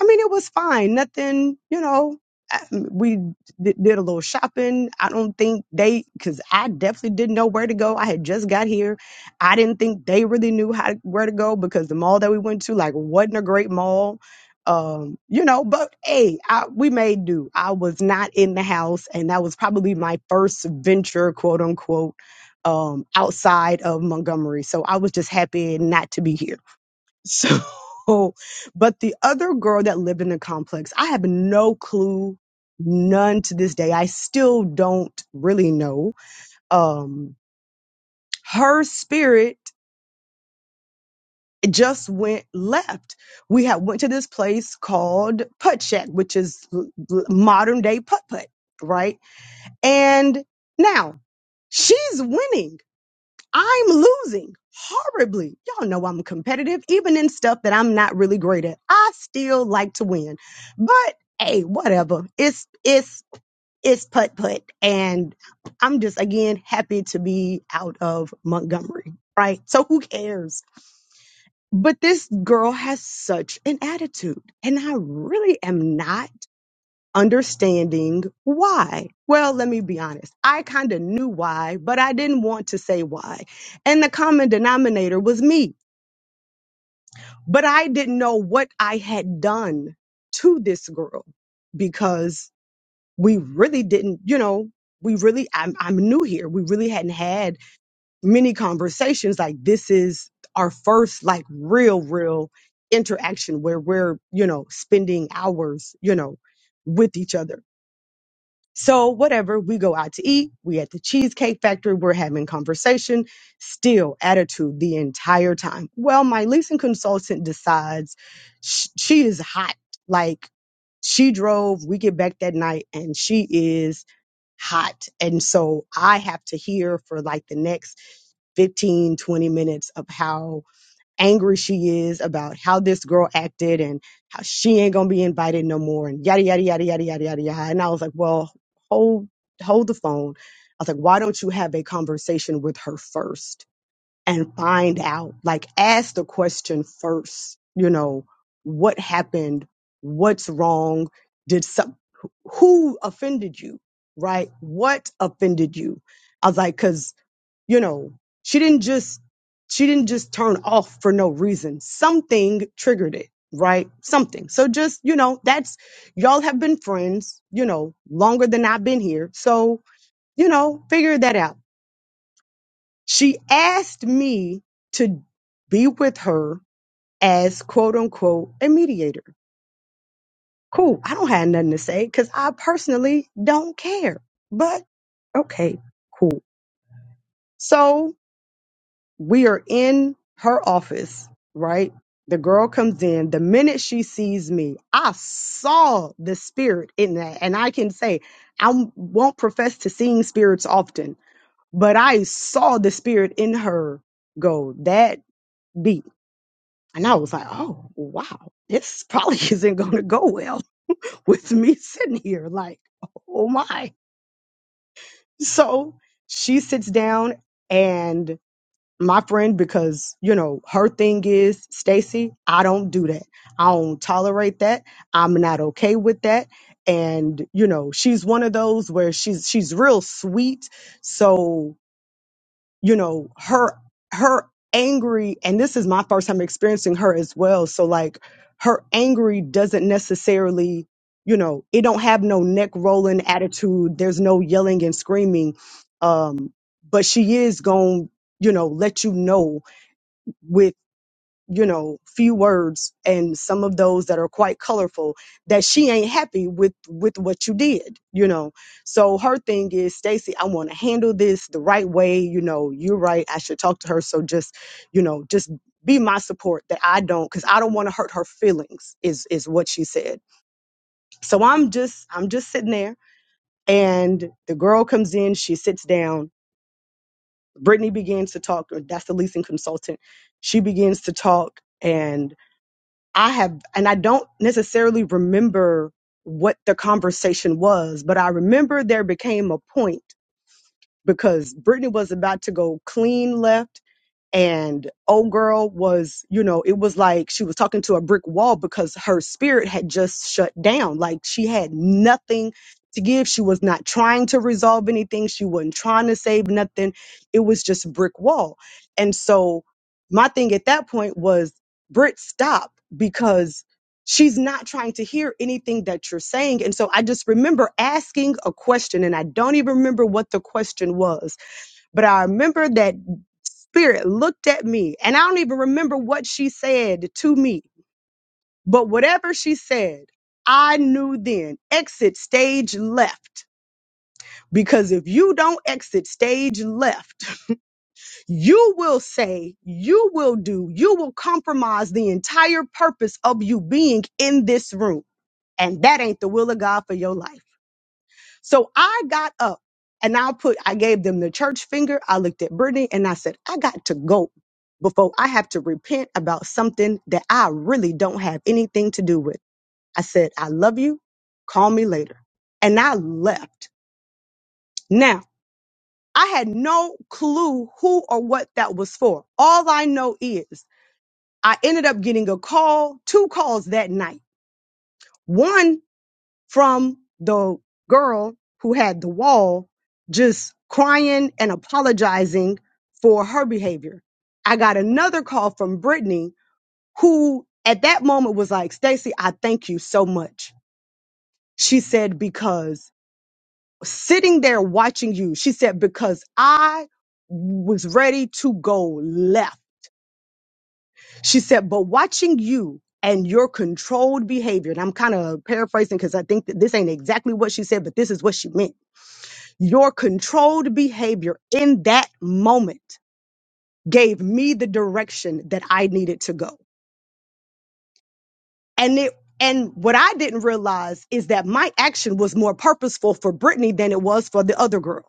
Speaker 8: I mean, it was fine. Nothing, you know. I- We d- did a little shopping. I don't think they, because I definitely didn't know where to go. I had just got here. I didn't think they really knew how to, where to go because the mall that we went to, like, wasn't a great mall. Um, you know, but hey, I, we made do. I was not in the house, and that was probably my first venture, quote unquote, um, outside of Montgomery. So I was just happy not to be here so, but the other girl that lived in the complex, I have no clue, none to this day. I still don't really know. Um, her spirit just went left. We had went to this place called Putt Shack, which is l- l- modern day Putt Putt, right? And now she's winning. I'm losing horribly. Y'all know I'm competitive, even in stuff that I'm not really great at. I still like to win. But hey, whatever. It's it's it's putt putt. And I'm just again happy to be out of Montgomery. Right. So who cares? But this girl has such an attitude. And I really am not understanding why. Well, let me be honest. I kind of knew why, but I didn't want to say why. And the common denominator was me, but I didn't know what I had done to this girl because we really didn't, you know, we really, I'm, I'm new here. We really hadn't had many conversations. Like this is our first like real, real interaction where we're, you know, spending hours, you know, with each other So whatever, we go out to eat, we at the cheesecake factory, we're having conversation, still attitude the entire time. Well, my leasing consultant decides sh- she is hot. Like she drove, we get back that night and she is hot. And so I have to hear for like the next 15 20 minutes of how angry she is about how this girl acted and how she ain't gonna be invited no more and yada yada yada yada yada yada yada. And I was like, well, hold hold the phone. I was like, why don't you have a conversation with her first and find out? Like, ask the question first. You know, what happened? What's wrong? Did some who offended you? Right? What offended you? I was like cause you know she didn't just she didn't just turn off for no reason something triggered it right something so just you know that's y'all have been friends you know longer than i've been here so you know figure that out she asked me to be with her as quote unquote a mediator cool i don't have nothing to say because i personally don't care but okay cool so we are in her office, right? The girl comes in. The minute she sees me, I saw the spirit in that. And I can say, I won't profess to seeing spirits often, but I saw the spirit in her go that beat. And I was like, oh, wow, this probably isn't going to go well with me sitting here. Like, oh my. So she sits down and. my friend because you know her thing is Stacy, I don't do that. I don't tolerate that. I'm not okay with that. And you know, she's one of those where she's she's real sweet. So, you know, her her angry and this is my first time experiencing her as well. So like her angry doesn't necessarily you know, it don't have no neck rolling attitude. There's no yelling and screaming. Um, but she is going, you know, let you know with you know few words and some of those that are quite colorful that she ain't happy with with what you did you know so her thing is stacy i want to handle this the right way you know you're right i should talk to her so just you know just be my support that i don't because i don't want to hurt her feelings is is what she said so i'm just i'm just sitting there and the girl comes in she sits down brittany begins to talk or that's the leasing consultant she begins to talk and I have, and I don't necessarily remember what the conversation was, but I remember there became a point because Brittany was about to go clean left and old girl was you know it was like she was talking to a brick wall because her spirit had just shut down like she had nothing to give she was not trying to resolve anything she wasn't trying to save nothing it was just brick wall and so my thing at that point was brit stop because she's not trying to hear anything that you're saying and so i just remember asking a question and i don't even remember what the question was but i remember that Spirit looked at me, and I don't even remember what she said to me, but whatever she said, I knew then exit stage left. Because if you don't exit stage left, you will say, you will do, you will compromise the entire purpose of you being in this room. And that ain't the will of God for your life. So I got up and I put, I gave them the church finger. I looked at Brittany and I said, I got to go before I have to repent about something that I really don't have anything to do with. I said, I love you. Call me later. And I left. Now, I had no clue who or what that was for. All I know is I ended up getting a call, two calls that night. One from the girl who had the wall just crying and apologizing for her behavior. I got another call from Brittany who at that moment was like, "Stacey, I thank you so much. She said, because sitting there watching you, she said, because I was ready to go left. She said, but watching you and your controlled behavior, and I'm kind of paraphrasing because I think that this ain't exactly what she said, but this is what she meant Your controlled behavior in that moment gave me the direction that I needed to go. And it and what I didn't realize is that my action was more purposeful for Brittany than it was for the other girl.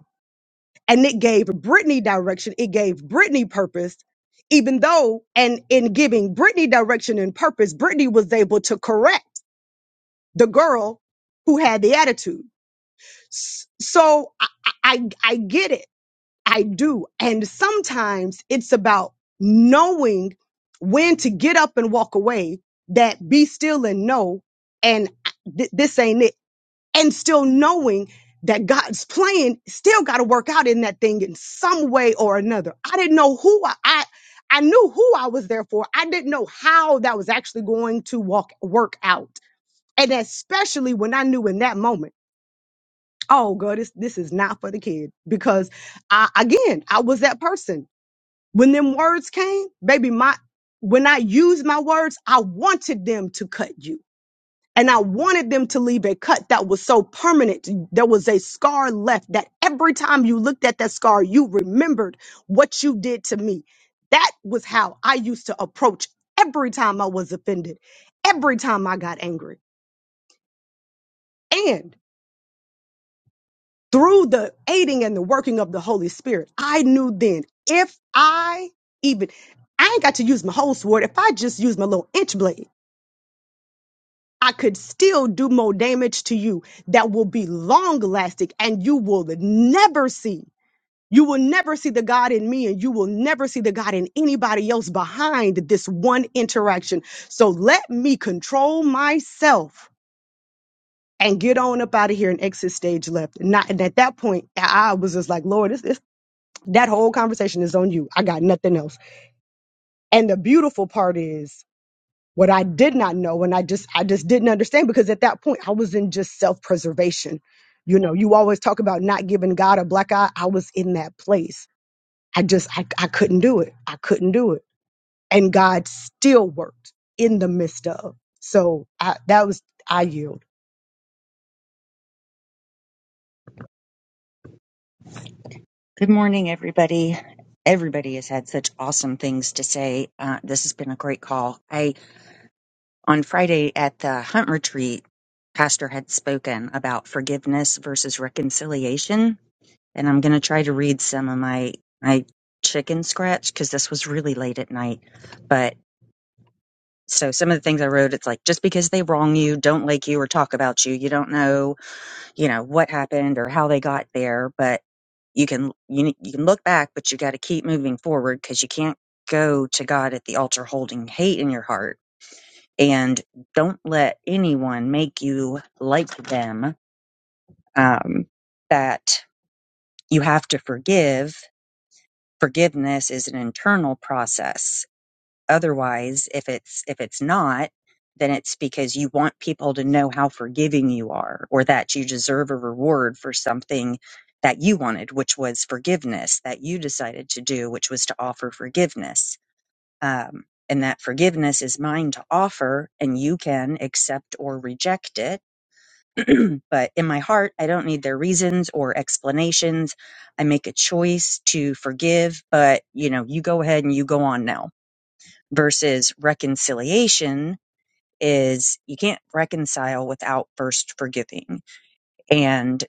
Speaker 8: And it gave Brittany direction, it gave Brittany purpose, even though and in giving Brittany direction and purpose, Brittany was able to correct the girl who had the attitude. S- So I, I I I get it I do. And sometimes it's about knowing when to get up and walk away, that be still and know, and th- this ain't it. And still knowing that God's plan still got to work out in that thing in some way or another. I didn't know who I, I, I knew who I was there for. I didn't know how that was actually going to walk, work out. And especially when I knew in that moment, oh, God, this, this is not for the kid because I, again, I was that person when them words came, baby, my when I used my words, I wanted them to cut you. And I wanted them to leave a cut that was so permanent. There was a scar left that every time you looked at that scar, you remembered what you did to me. That was how I used to approach every time I was offended, every time I got angry. through the aiding and the working of the Holy Spirit, I knew then if I even, I ain't got to use my whole sword. If I just use my little inch blade, I could still do more damage to you that will be long lasting and you will never see. You will never see the God in me and you will never see the God in anybody else behind this one interaction. So let me control myself and get on up out of here and exit stage left. And, not, and at that point, I I was just like, Lord, this. That whole conversation is on you. I got nothing else. And the beautiful part is what I did not know and I just I just didn't understand because at that point I was in just self-preservation. You know, you always talk about not giving God a black eye. I was in that place. I just I, I couldn't do it. I couldn't do it. And God still worked in the midst of. So I that was I yield.
Speaker 11: Good morning, everybody. Everybody has had such awesome things to say. Uh, this has been a great call. I on Friday at the hunt retreat, Pastor had spoken about forgiveness versus reconciliation, and I'm going to try to read some of my my chicken scratch because this was really late at night. But so some of the things I wrote, it's like just because they wrong you, don't like you, or talk about you, you don't know you know what happened or how they got there but you can you, ne- you can look back but you got to keep moving forward because you can't go to god at the altar holding hate in your heart and don't let anyone make you like them um, that you have to forgive forgiveness is an internal process Otherwise, if it's if it's not, then it's because you want people to know how forgiving you are or that you deserve a reward for something that you wanted, which was forgiveness that you decided to do, which was to offer forgiveness. Um, and that forgiveness is mine to offer and you can accept or reject it. but in my heart, I don't need their reasons or explanations. I make a choice to forgive, but you know, you go ahead and you go on now versus reconciliation is you can't reconcile without first forgiving and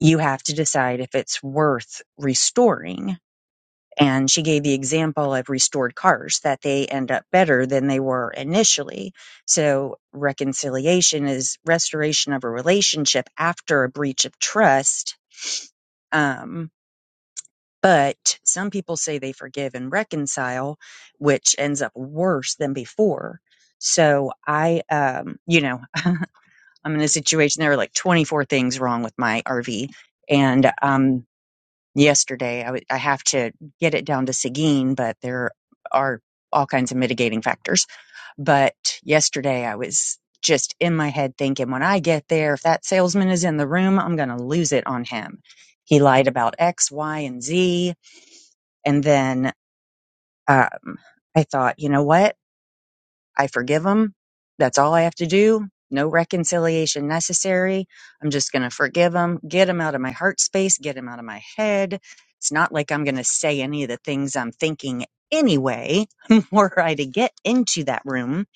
Speaker 11: you have to decide if it's worth restoring and she gave the example of restored cars that they end up better than they were initially so reconciliation is restoration of a relationship after a breach of trust um, But some people say they forgive and reconcile, which ends up worse than before. So I, um, you know, I'm in a situation. There were like 24 things wrong with my RV, and um, yesterday I, w- I have to get it down to Seguin, but there are all kinds of mitigating factors. But yesterday I was just in my head thinking, when I get there, if that salesman is in the room, I'm going to lose it on him. He lied about X, Y, and Z. And then um, I thought, you know what? I forgive him. That's all I have to do. No reconciliation necessary. I'm just going to forgive him, get him out of my heart space, get him out of my head. It's not like I'm going to say any of the things I'm thinking anyway, were I to get into that room.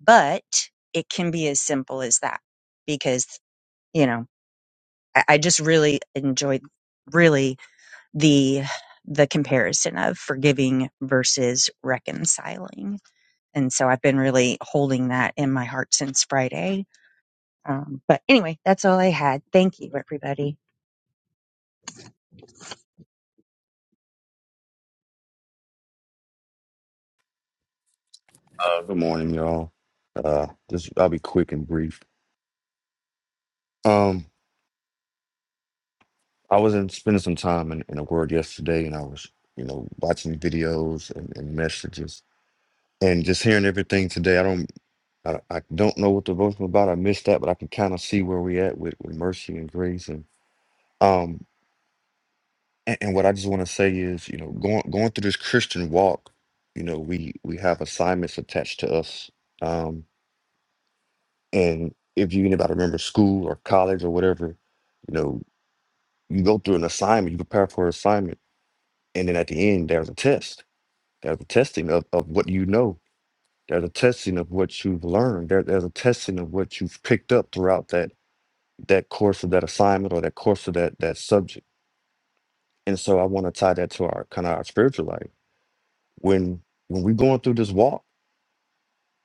Speaker 11: But it can be as simple as that because, you know, I, I just really enjoyed really the the comparison of forgiving versus reconciling and so I've been really holding that in my heart since Friday. Um, but anyway, that's all I had. Thank you, everybody.
Speaker 12: Uh, good morning, y'all. Uh, just I'll be quick and brief. Um, I was in spending some time in, in the world yesterday, and I was, you know, watching videos and, and messages, and just hearing everything today. I don't, I, I don't know what the vote was about. I missed that, but I can kind of see where we at with, with mercy and grace, and um, and, and what I just want to say is, you know, going going through this Christian walk, you know, we we have assignments attached to us, um, and if you anybody remember school or college or whatever. you know. You go through an assignment, you prepare for an assignment, and then at the end, there's a test. There's a testing of, of what you know. There's a testing of what you've learned. There, there's a testing of what you've picked up throughout that that course of that assignment or that course of that that subject. And so I want to tie that to our kind of our spiritual life. When when we're going through this walk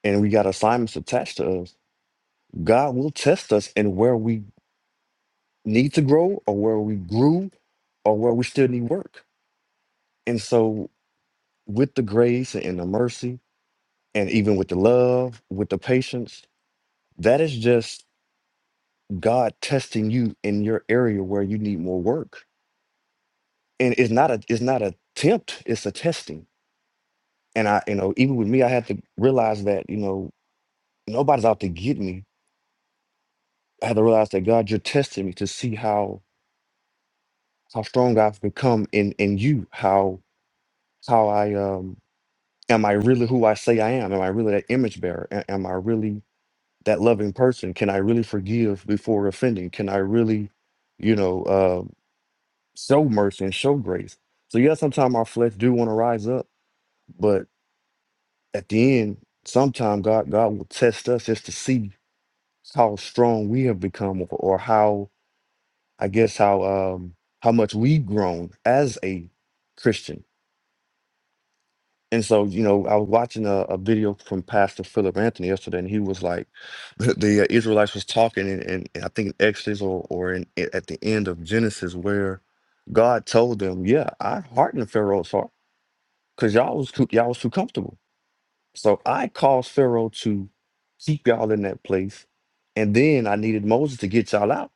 Speaker 12: and we got assignments attached to us, God will test us in where we need to grow or where we grew or where we still need work. And so, with the grace and the mercy and even with the love, with the patience, that is just God testing you in your area where you need more work. And it's not a it's not a tempt, it's a testing. And I, you know, even with me, I had to realize that, you know, nobody's out to get me. I had to realize that God, you're testing me to see how how strong I've become in in you, how how I um am I really who I say I am? Am I really that image bearer? A- Am I really that loving person can i really forgive before offending can i really you know uh, show mercy and show grace so yeah sometimes our flesh do want to rise up but at the end sometimes god god will test us just to see how strong we have become or, or how i guess how um how much we've grown as a christian And so, you know, I was watching a, a video from Pastor Philip Anthony yesterday, and he was like, the uh, Israelites was talking, and, and I think in Exodus or, or in, i- at the end of Genesis, where God told them, "Yeah, I hardened Pharaoh's heart because y'all was too, y'all was too comfortable. So I caused Pharaoh to keep y'all in that place, and then I needed Moses to get y'all out.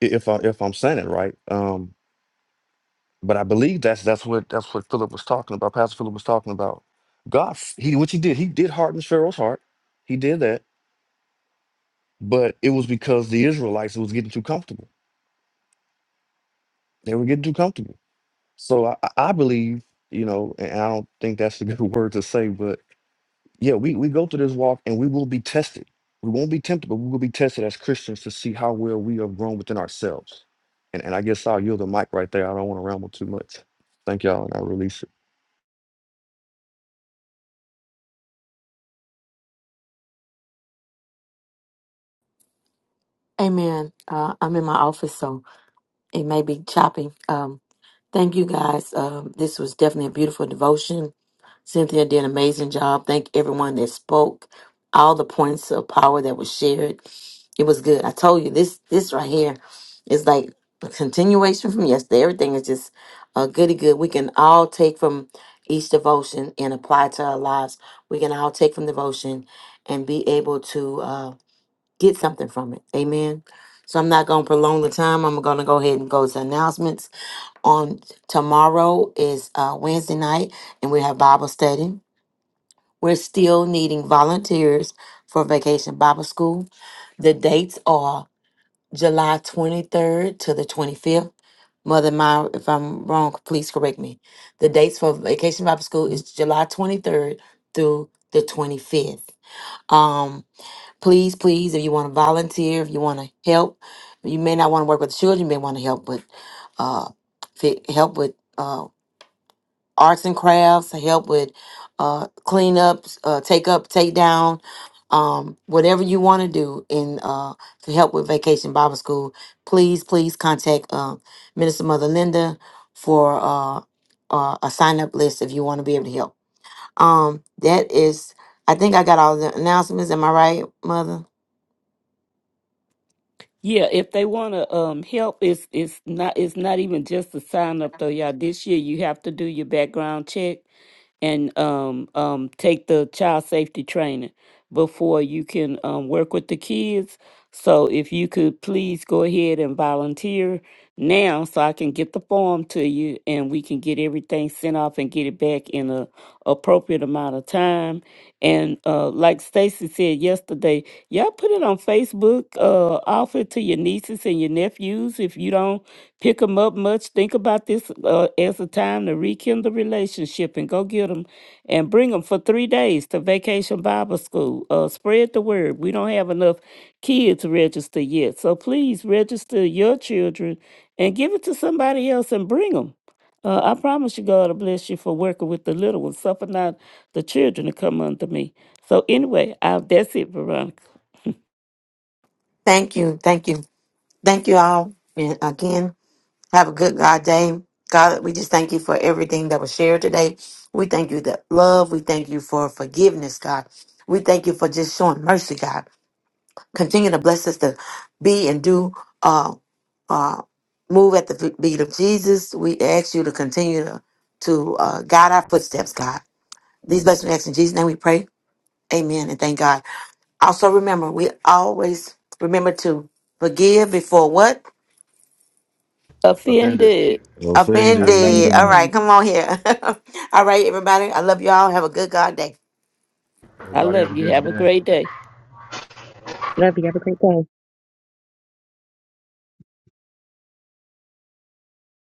Speaker 12: i- If I if I'm saying it right, Um, But I believe that's that's what that's what Philip was talking about. Pastor Philip was talking about. God, f- he which he did, he did harden Pharaoh's heart. He did that, but it was because the Israelites was getting too comfortable. They were getting too comfortable. So I, I I believe, you know, and I don't think that's a good word to say, but yeah, we we go through this walk and we will be tested. We won't be tempted, but we will be tested as Christians to see how well we have grown within ourselves. And and I guess I'll yield the mic right there. I don't want to ramble too much. Thank y'all, and I release it.
Speaker 1: Amen. Uh, I'm in my office, so. It may be choppy. Um, thank you guys. Um, this was definitely a beautiful devotion. Cynthia did an amazing job. Thank everyone that spoke. All the points of power that was shared. It was good. I told you this this right here is like a continuation from yesterday. Everything is just uh goody good. We can all take from each devotion and apply to our lives. We can all take from devotion and be able to Uh, get something from it. Amen. So I'm not going to prolong the time. I'm going to go ahead and go to announcements. On tomorrow is uh, Wednesday night, and we have Bible study. We're still needing volunteers for Vacation Bible School. The dates are July 23rd to the 25th. Mother Myra, if I'm wrong, please correct me. The dates for Vacation Bible School is July 23rd through the 25th please, please, if you want to volunteer, if you want to help, you may not want to work with children, you may want to help with uh, fi- help with uh, arts and crafts, help with uh, cleanups, uh, take up, take down, um, whatever you want to do in uh, to help with Vacation Bible School. Please, please contact uh, Minister Mother Linda for uh, uh, a sign up list if you want to be able to help. Um, that is, I think I got all the announcements. Am I right, Mother?
Speaker 4: Yeah, if they want to um help, it's it's not it's not even just a sign up though, y'all. This year you have to do your background check and um um take the child safety training before you can um work with the kids. So if you could please go ahead and volunteer now, so I can get the form to you and we can get everything sent off and get it back in a appropriate amount of time. And uh, like Stacy said yesterday, y'all put it on Facebook, uh, offer it to your nieces and your nephews. If you don't pick them up much, think about this uh, as a time to rekindle relationship and go get them and bring them for three days to Vacation Bible School. Uh, spread the word. We don't have enough kids registered yet. So please register your children and give it to somebody else and bring them. Uh, I promise you, God will bless you for working with the little ones. Suffer not the children to come unto me. So anyway, I, that's it, Veronica.
Speaker 1: Thank you, thank you, thank you all and again. Have a good God day. God, we just thank you for everything that was shared today. We thank you that love. We thank you for forgiveness, God. We thank you for just showing mercy, God. Continue to bless us to be and do uh uh move at the beat of Jesus. We ask you to continue to, to uh guide our footsteps, God. These blessings we ask in Jesus' name we pray. Amen and thank God. Also remember, we always remember to forgive before what?
Speaker 6: Offended.
Speaker 4: Offended.
Speaker 1: Offended. All
Speaker 12: Offending.
Speaker 1: right,
Speaker 11: Offending.
Speaker 1: come on here. All right, everybody. I love y'all. Have a good God day.
Speaker 4: I
Speaker 6: Everybody
Speaker 4: love
Speaker 6: have a
Speaker 4: you.
Speaker 6: good
Speaker 4: Have a
Speaker 6: day.
Speaker 4: great day.
Speaker 11: Love you. Have a great day.